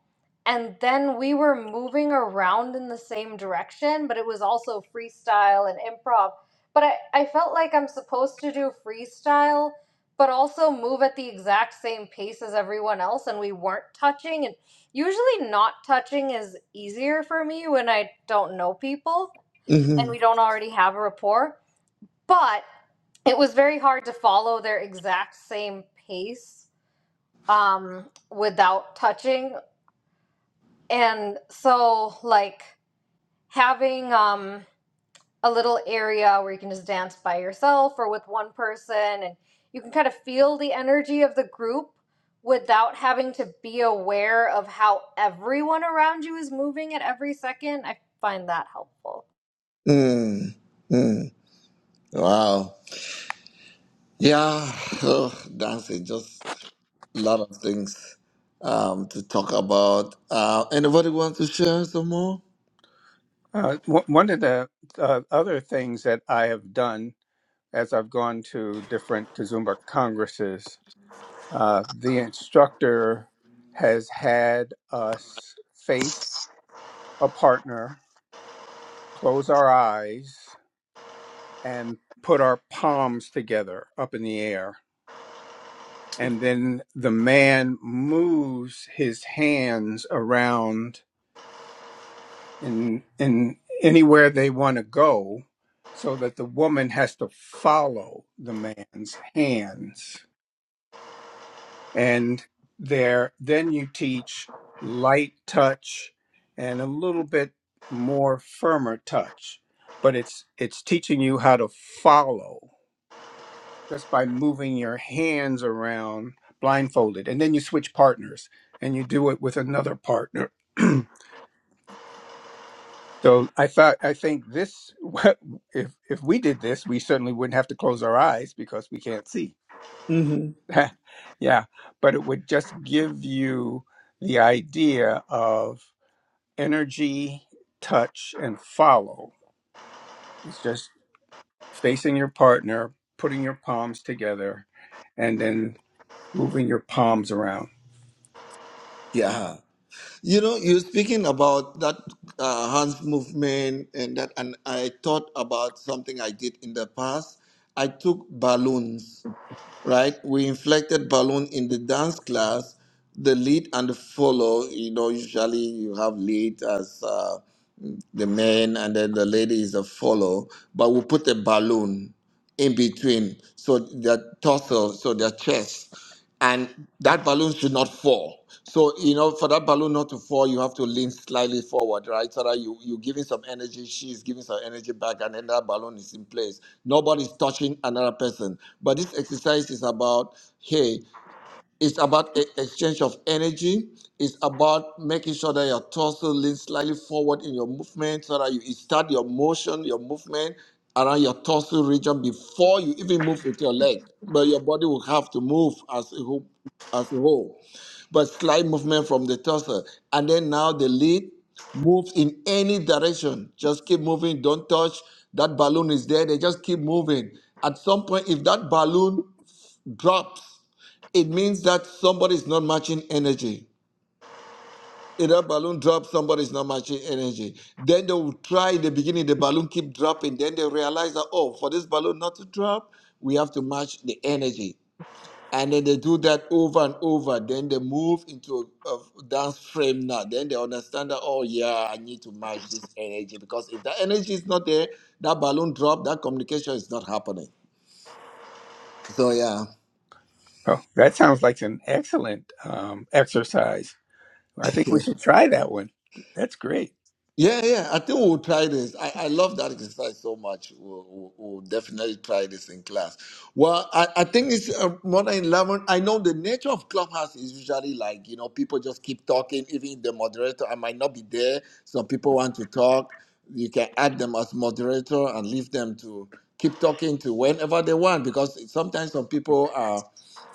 S3: and then we were moving around in the same direction, but it was also freestyle and improv. But I, I felt like I'm supposed to do freestyle, but also move at the exact same pace as everyone else, and we weren't touching. And usually, not touching is easier for me when I don't know people and
S1: Mm-hmm.
S3: we don't already have a rapport. But it was very hard to follow their exact same pace um, without touching. And so, like, having um, a little area where you can just dance by yourself or with one person, and you can kind of feel the energy of the group without having to be aware of how everyone around you is moving at every second. I find that helpful.
S1: Mm-hmm. Wow. Yeah, oh, that's a just a lot of things um, to talk about. Uh, anybody want to share some more?
S6: Uh, w- one of the uh, other things that I have done as I've gone to different Kazumba congresses, uh, the instructor has had us face a partner, close our eyes, and put our palms together up in the air and then the man moves his hands around in in anywhere they want to go so that the woman has to follow the man's hands and there then you teach light touch and a little bit more firmer touch but it's it's teaching you how to follow just by moving your hands around blindfolded and then you switch partners and you do it with another partner so i thought i think this if if we did this we certainly wouldn't have to close our eyes because we can't see yeah but it would just give you the idea of energy touch and follow it's just facing your partner putting your palms together and then moving your palms around
S1: Yeah. You know, you're speaking about that uh, hands movement and that, and I thought about something I did in the past. I took balloons, right? We inflected balloon in the dance class, the lead and the follow. You know, usually you have lead as. uh, the men and then the ladies that follow, but we put a balloon in between so their torso, so their chest, and that balloon should not fall. So, you know, for that balloon not to fall, you have to lean slightly forward, right? So that you, you're giving some energy, she's giving some energy back, and then that balloon is in place. Nobody's touching another person. But this exercise is about, hey, it's about e- exchange of energy. It's about making sure that your torso leans slightly forward in your movement so that you start your motion, your movement around your torso region before you even move with your leg. But your body will have to move as a whole. As a whole. But slight movement from the torso. And then now the lead moves in any direction. Just keep moving. Don't touch. That balloon is there. They just keep moving. At some point, if that balloon drops it means that somebody's not matching energy. If that balloon drops, somebody's not matching energy. Then they will try in the beginning, the balloon keep dropping. Then they realize that, oh, for this balloon not to drop, we have to match the energy. And then they do that over and over. Then they move into a, a dance frame now. Then they understand that, oh, yeah, I need to match this energy. Because if that energy is not there, that balloon drop, that communication is not happening. So, yeah.
S6: Oh, that sounds like an excellent um, exercise. I think we should try that one. That's great.
S1: Yeah, yeah. I think we'll try this. I, I love that exercise so much. We'll, we'll, we'll definitely try this in class. Well, I, I think it's uh, more than 11. I know the nature of Clubhouse is usually like, you know, people just keep talking. Even the moderator, I might not be there. Some people want to talk. You can add them as moderator and leave them to keep talking to whenever they want because sometimes some people are,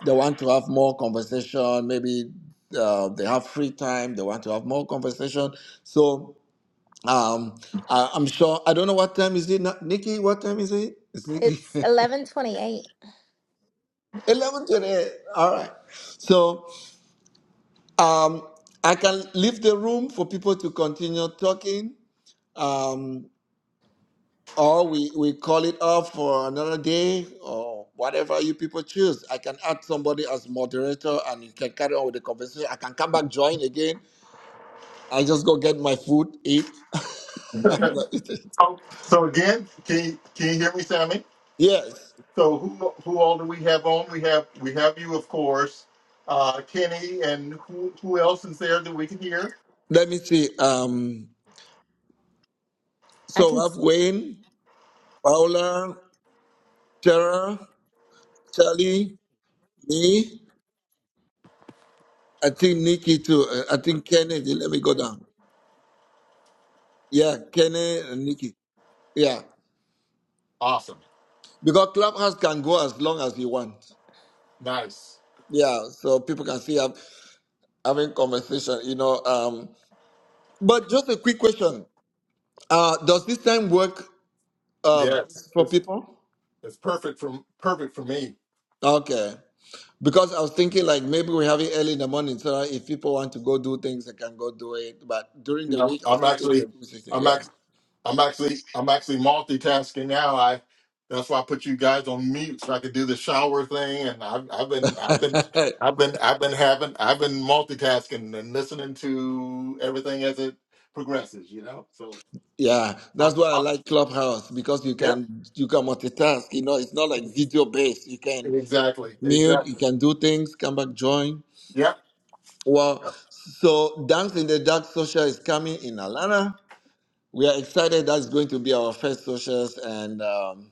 S1: they want to have more conversation. Maybe uh, they have free time. They want to have more conversation. So, um, I, I'm sure. I don't know what time is it now. Nikki, what time is it? It's Nikki.
S2: It's 11:28.
S1: Eleven twenty-eight. All right. So um, I can leave the room for people to continue talking, um, or we we call it off for another day, or whatever you people choose. I can add somebody as moderator, and you can carry on with the conversation. I can come back join again. I just go get my food, eat.
S5: so, so again, can you, can you hear me, Sammy?
S1: yes.
S5: So who who all do we have on? We have we have you, of course, uh, Kenny, and who who else is there that we can hear?
S1: Let me see. Um.
S2: I
S1: So i
S2: can
S1: have Wayne, Paula, Tara, Charlie, me. I think Nikki too. Uh, I think Kenneth. Let me go down. Yeah, Kenneth and Nikki. Yeah,
S5: Awesome,
S1: because Clubhouse can go as long as you want.
S5: nice.
S1: Yeah, so people can see I'm having conversation. You know, um, but just a quick question. Uh, does this time work uh,
S5: Yes,
S1: best for
S5: it's
S1: people?
S5: it's perfect for perfect for me.
S1: Okay. Because I was thinking like maybe we're having early in the morning, so if people want to go do things, they can go do it. But during
S5: You
S1: the
S5: know,
S1: week, I was
S5: I'm
S1: thinking it's a
S5: actually.
S1: busy thing.
S5: I'm actually I'm actually I'm actually multitasking now. I that's why I put you guys on mute so I could do the shower thing. And I've I've been I've been
S1: Yeah,
S5: I've been I've been having I've been multitasking and listening to everything as it progresses. You know, so
S1: yeah. That's
S5: I'm
S1: why I
S5: I'm
S1: like Clubhouse because you
S5: yep
S1: can you can multitask. You know, it's not like video based. You can
S5: exactly
S1: mute, you
S5: exactly
S1: can do things, come back, join.
S5: yep
S1: Well,
S5: yep
S1: so Dance in the Dark Social is coming in Atlanta. We are excited. That's going to be our first socials, and um,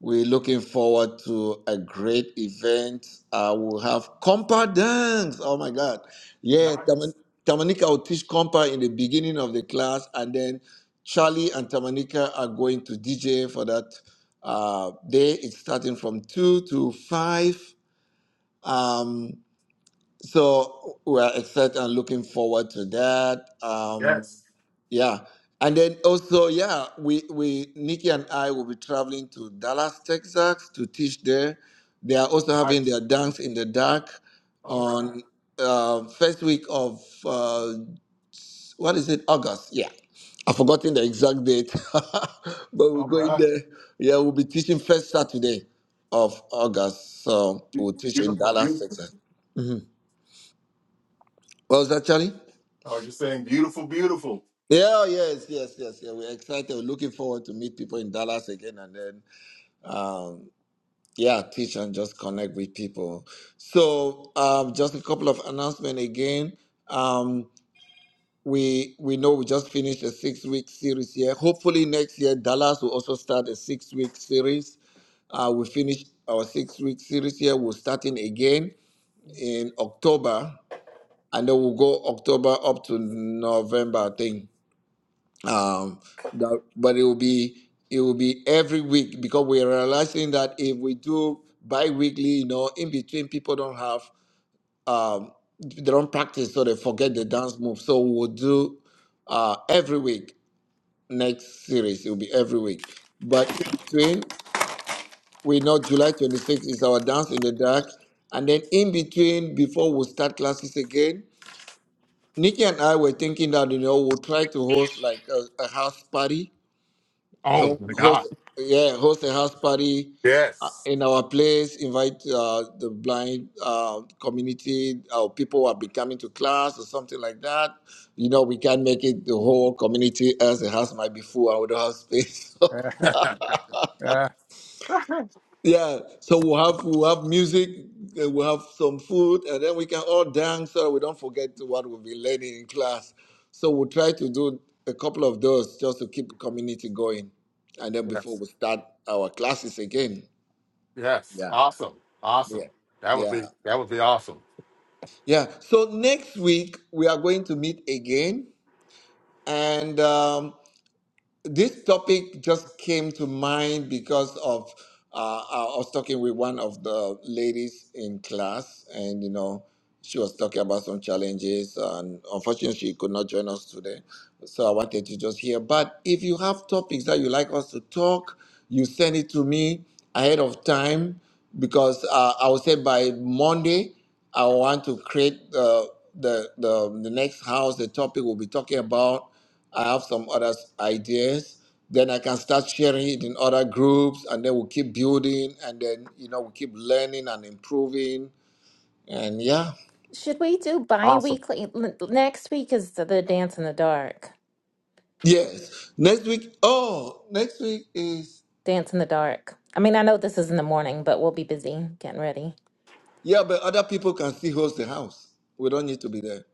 S1: We're looking forward to a great event. we will have compa dance. Oh my God. Yeah,
S5: nice
S1: Taman- Tamanika will teach compa in the beginning of the class, and then Charlie and Tamanika are going to DJ for that uh, day. It's starting from 2 to 5. Um, so we're excited and looking forward to that. Um,
S5: yes
S1: yeah. And then also, yeah, we, we Nikki and I will be traveling to Dallas, Texas to teach there. They are also having
S5: nice
S1: their dance in the dark
S5: all right
S1: on uh, first week of uh, what is it, August? Yeah. I've forgotten the exact date. but we're
S5: all
S1: going
S5: right
S1: there. Yeah, we'll be teaching first Saturday of August. So
S5: Be-
S1: we'll teach in
S5: beautiful
S1: Dallas,
S5: beautiful.
S1: Texas. hmm What was that, Charlie?
S5: Oh, you're saying beautiful beautiful.
S1: Yeah, yes, yes, yes, yeah. We're excited. We're looking forward to meet people in Dallas again and then um, yeah, teach and just connect with people. So um, just a couple of announcements again. Um, we we know we just finished a six week series here. Hopefully next year Dallas will also start a six week series. Uh, we finished our six week series here. We're starting again in October, and then we'll go October up to November, I think um, that, but it will be it will be every week because we're realizing that if we do bi-weekly you know in between people don't have um, they don't practice so they forget the dance move so we'll do uh, every week next series it will be every week but in between we know july 26th is our dance in the dark and then in between before we start classes again nikki and i were thinking that you know we'll try to host like a, a house party
S5: Oh
S1: ho-
S5: my God
S1: host yeah host a house party uh,
S5: Yes.
S1: in our place invite uh, the blind uh, community uh, people who have been coming to class or something like that you know we can't make it the whole community as the house might be full and we don't have space
S6: Uh,
S1: Yeah, so we'll have we'll have music, uh, we'll have some food, and then we can all dance so that we don't forget to what we've been learning in class. So we'll try to do a couple of those just to keep community going, and then
S5: yes
S1: before we start our classes again.
S5: Yes.
S1: Yeah,
S5: Awesome.
S1: yeah,
S5: Awesome. That would
S1: yeah,
S5: be that would be awesome.
S1: yeah. So next week we are going to meet again, and. um, this topic just came to mind because of uh, I was talking with one of the ladies in class, and you know, she was talking about some challenges, and unfortunately, she could not join us today. So I wanted to just hear. But if you have topics that you like us to talk, you send it to me ahead of time because uh, I will say by Monday I want to create uh, the the the next house. The topic we'll be talking about. I have some other s- ideas. Then I can start sharing it in other groups, and then we'll keep building, and then you know we keep learning and improving, and yeah.
S2: Should we do
S5: Awesome.
S2: bi-weekly? N- Next week is the, the Dance in the Dark.
S1: Yes. Next week. Oh, next week is.
S2: Dance in the Dark. I mean, I know this is in the morning, but we'll be busy getting ready.
S1: Yeah, but other people can still host the house. We don't need to be there.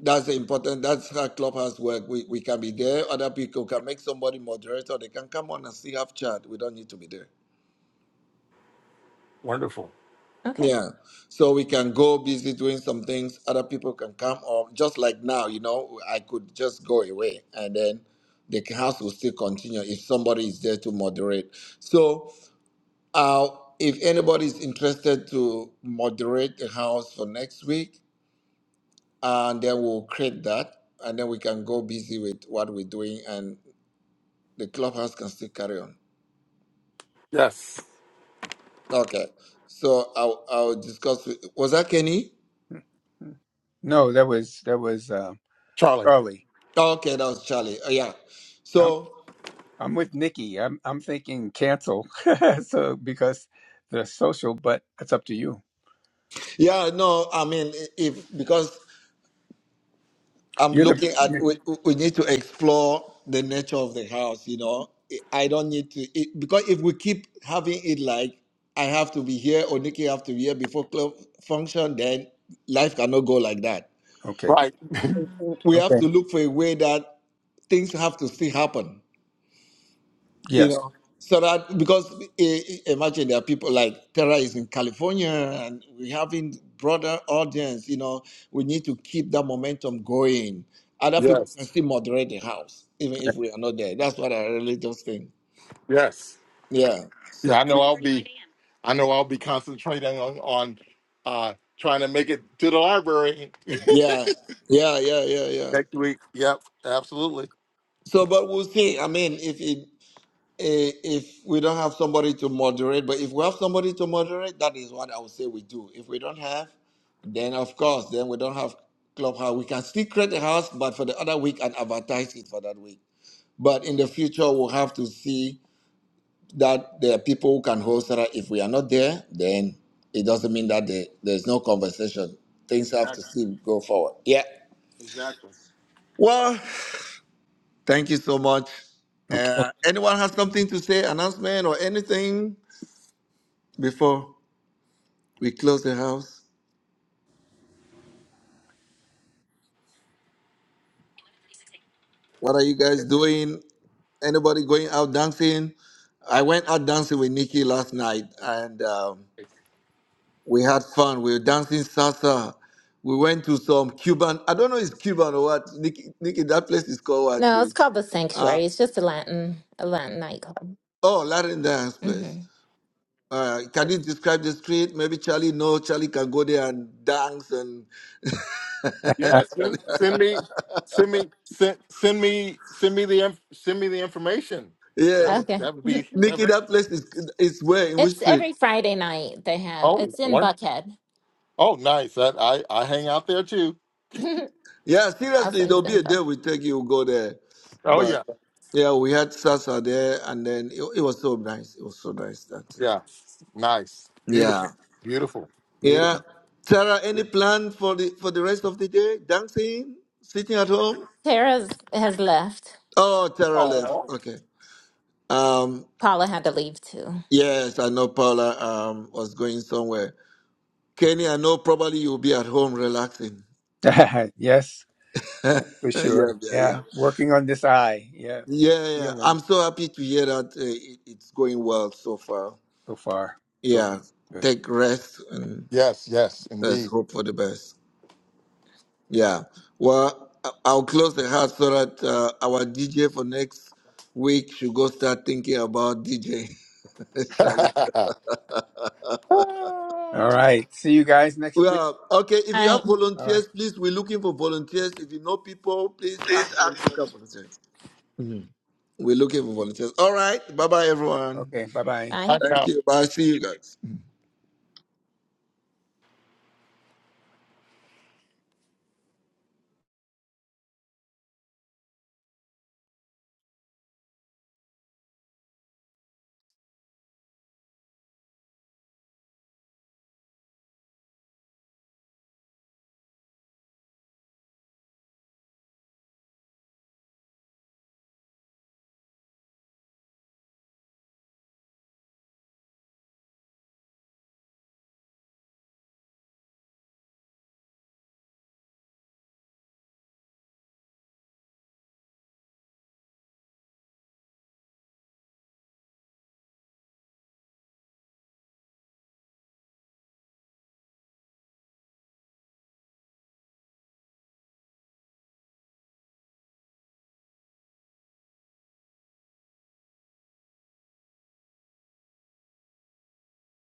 S1: That's the important. That's how clubhouse work. We we can be there. Other people can make somebody moderator. They can come on and still have chat. We don't need to be there.
S5: Wonderful.
S2: Okay.
S1: Yeah. So we can go busy doing some things. Other people can come or just like now, you know, I could just go away and then the house will still continue if somebody is there to moderate. So uh, if anybody is interested to moderate the house for next week, and then we'll create that and then we can go busy with what we're doing and the clubhouse can still carry on
S5: Yes.
S1: okay so i'll, I'll discuss with, was that kenny
S6: uh, no, that was that was uh,
S5: Charlie.
S6: Charlie.
S1: okay that was charlie oh, yeah
S6: I'm
S1: so
S6: I'm with Nikki. I'm I'm thinking cancel. so because the social, but that's up to you.
S1: yeah no i mean i- if because i'm
S6: You're the
S1: looking at
S6: you
S1: we, we need to explore the nature of the house you know i don't need to it, because if we keep having it like i have to be here or nikki have to be here before club function then life cannot go like that
S6: okay.
S5: Right.
S1: we have
S6: Okay.
S1: to look for a way that things have to still happen, you
S6: Yes.
S1: know. So that because i- i- imagine there are people like Tara is in California and we having broader audience, you know, we need to keep that momentum going. Other people can
S5: Yes.
S1: still moderate the house, even if we are not there. That's what I really just think.
S5: Yes.
S1: Yeah. So,
S5: Yeah, I know I'll be I know I'll be concentrating on, on uh trying to make it to the library.
S1: yeah. Yeah. Yeah. Yeah. Yeah.
S5: yep, absolutely.
S1: So, but we'll see. I mean, if it eh, if we don't have somebody to moderate, but if we have somebody to moderate, that is what I would say we do. If we don't have, then of course, then we don't have clubhouse. We can still create a house, but for the other week and advertise it for that week. But in the future, we'll have to see that there are people who can host it. If we are not there, then it doesn't mean that there, there's no conversation. Things have to
S5: Exactly.
S1: still go forward. Yeah.
S5: Exactly.
S1: Well, thank you so much.
S6: Okay.
S1: Uh, anyone has something to say, announcement or anything before? We close the house. What are you guys doing? Anybody going out dancing? I went out dancing with Nikki last night and um, we had fun. We were dancing salsa. We went to some Cuban, I don't know if it's Cuban or what. Nikki, Nikki that place is called what,
S2: No, it's
S1: actually?
S2: called the
S1: Uh,
S2: Sanctuary. It's just a Latin a Latin nightclub.
S1: oh, Latin dance place.
S2: Mm-hmm.
S1: Uh, can you describe the street? Maybe Charlie no. Charlie can go there and dance and
S6: Uh,
S5: Yeah,
S1: Charlie.
S5: send, send me send me send, send me send me the inf- send me the information.
S1: yeah.
S5: That would
S2: Okay.
S5: that would be that
S1: Nikki,
S5: would,
S1: that place is is where in which
S2: It's
S1: street?
S2: every Friday night they have.
S5: oh
S2: It's in
S5: one
S2: Buckhead.
S5: oh nice. That I I hang out there too.
S1: Yeah,
S2: I'll
S1: seriously,
S2: send
S1: there'll
S2: you the
S1: be a day
S2: info.
S1: we take you go there.
S5: Oh
S1: But
S5: yeah,
S1: yeah, we had Sasa there, and then it, it was so nice. It was so nice. That's it.
S5: yeah. Nice, beautiful,
S1: Yeah,
S5: beautiful,
S1: yeah.
S5: beautiful.
S1: Tara, any plan for the for the rest of the day? Dancing, sitting at home.
S2: Tara has left.
S1: Oh, Tara left. Okay. Um.
S2: Paula had to leave too.
S1: Yes, I know Paula um was going somewhere. Kenny, I know probably you'll be at home relaxing.
S6: yes,
S1: yeah,
S6: for
S1: yeah,
S6: sure.
S1: yeah.
S6: Yeah, working on this eye. Yeah,
S1: Yeah, yeah. I'm
S6: healing
S1: so happy to hear that uh, it, it's going well so far.
S6: so far. So
S1: Yeah,
S6: good.
S1: take rest and
S5: Yes, yes,
S1: let's
S5: indeed.
S1: hope for the best. Yeah. Well, I- I'll close the house so that uh, our DJ for next week should go start thinking about DJ. Charlie.
S5: I
S6: All right. See you guys next week.
S1: Well, okay.
S2: All
S1: If you
S2: right.
S1: have
S6: All right.
S1: volunteers, please, we're looking for volunteers. If you know people, please ask them to come volunteer. We're looking for volunteers. All right. Bye bye, everyone.
S6: Okay. Bye bye.
S2: Bye.
S5: know,
S1: Thank you. Bye. See you guys.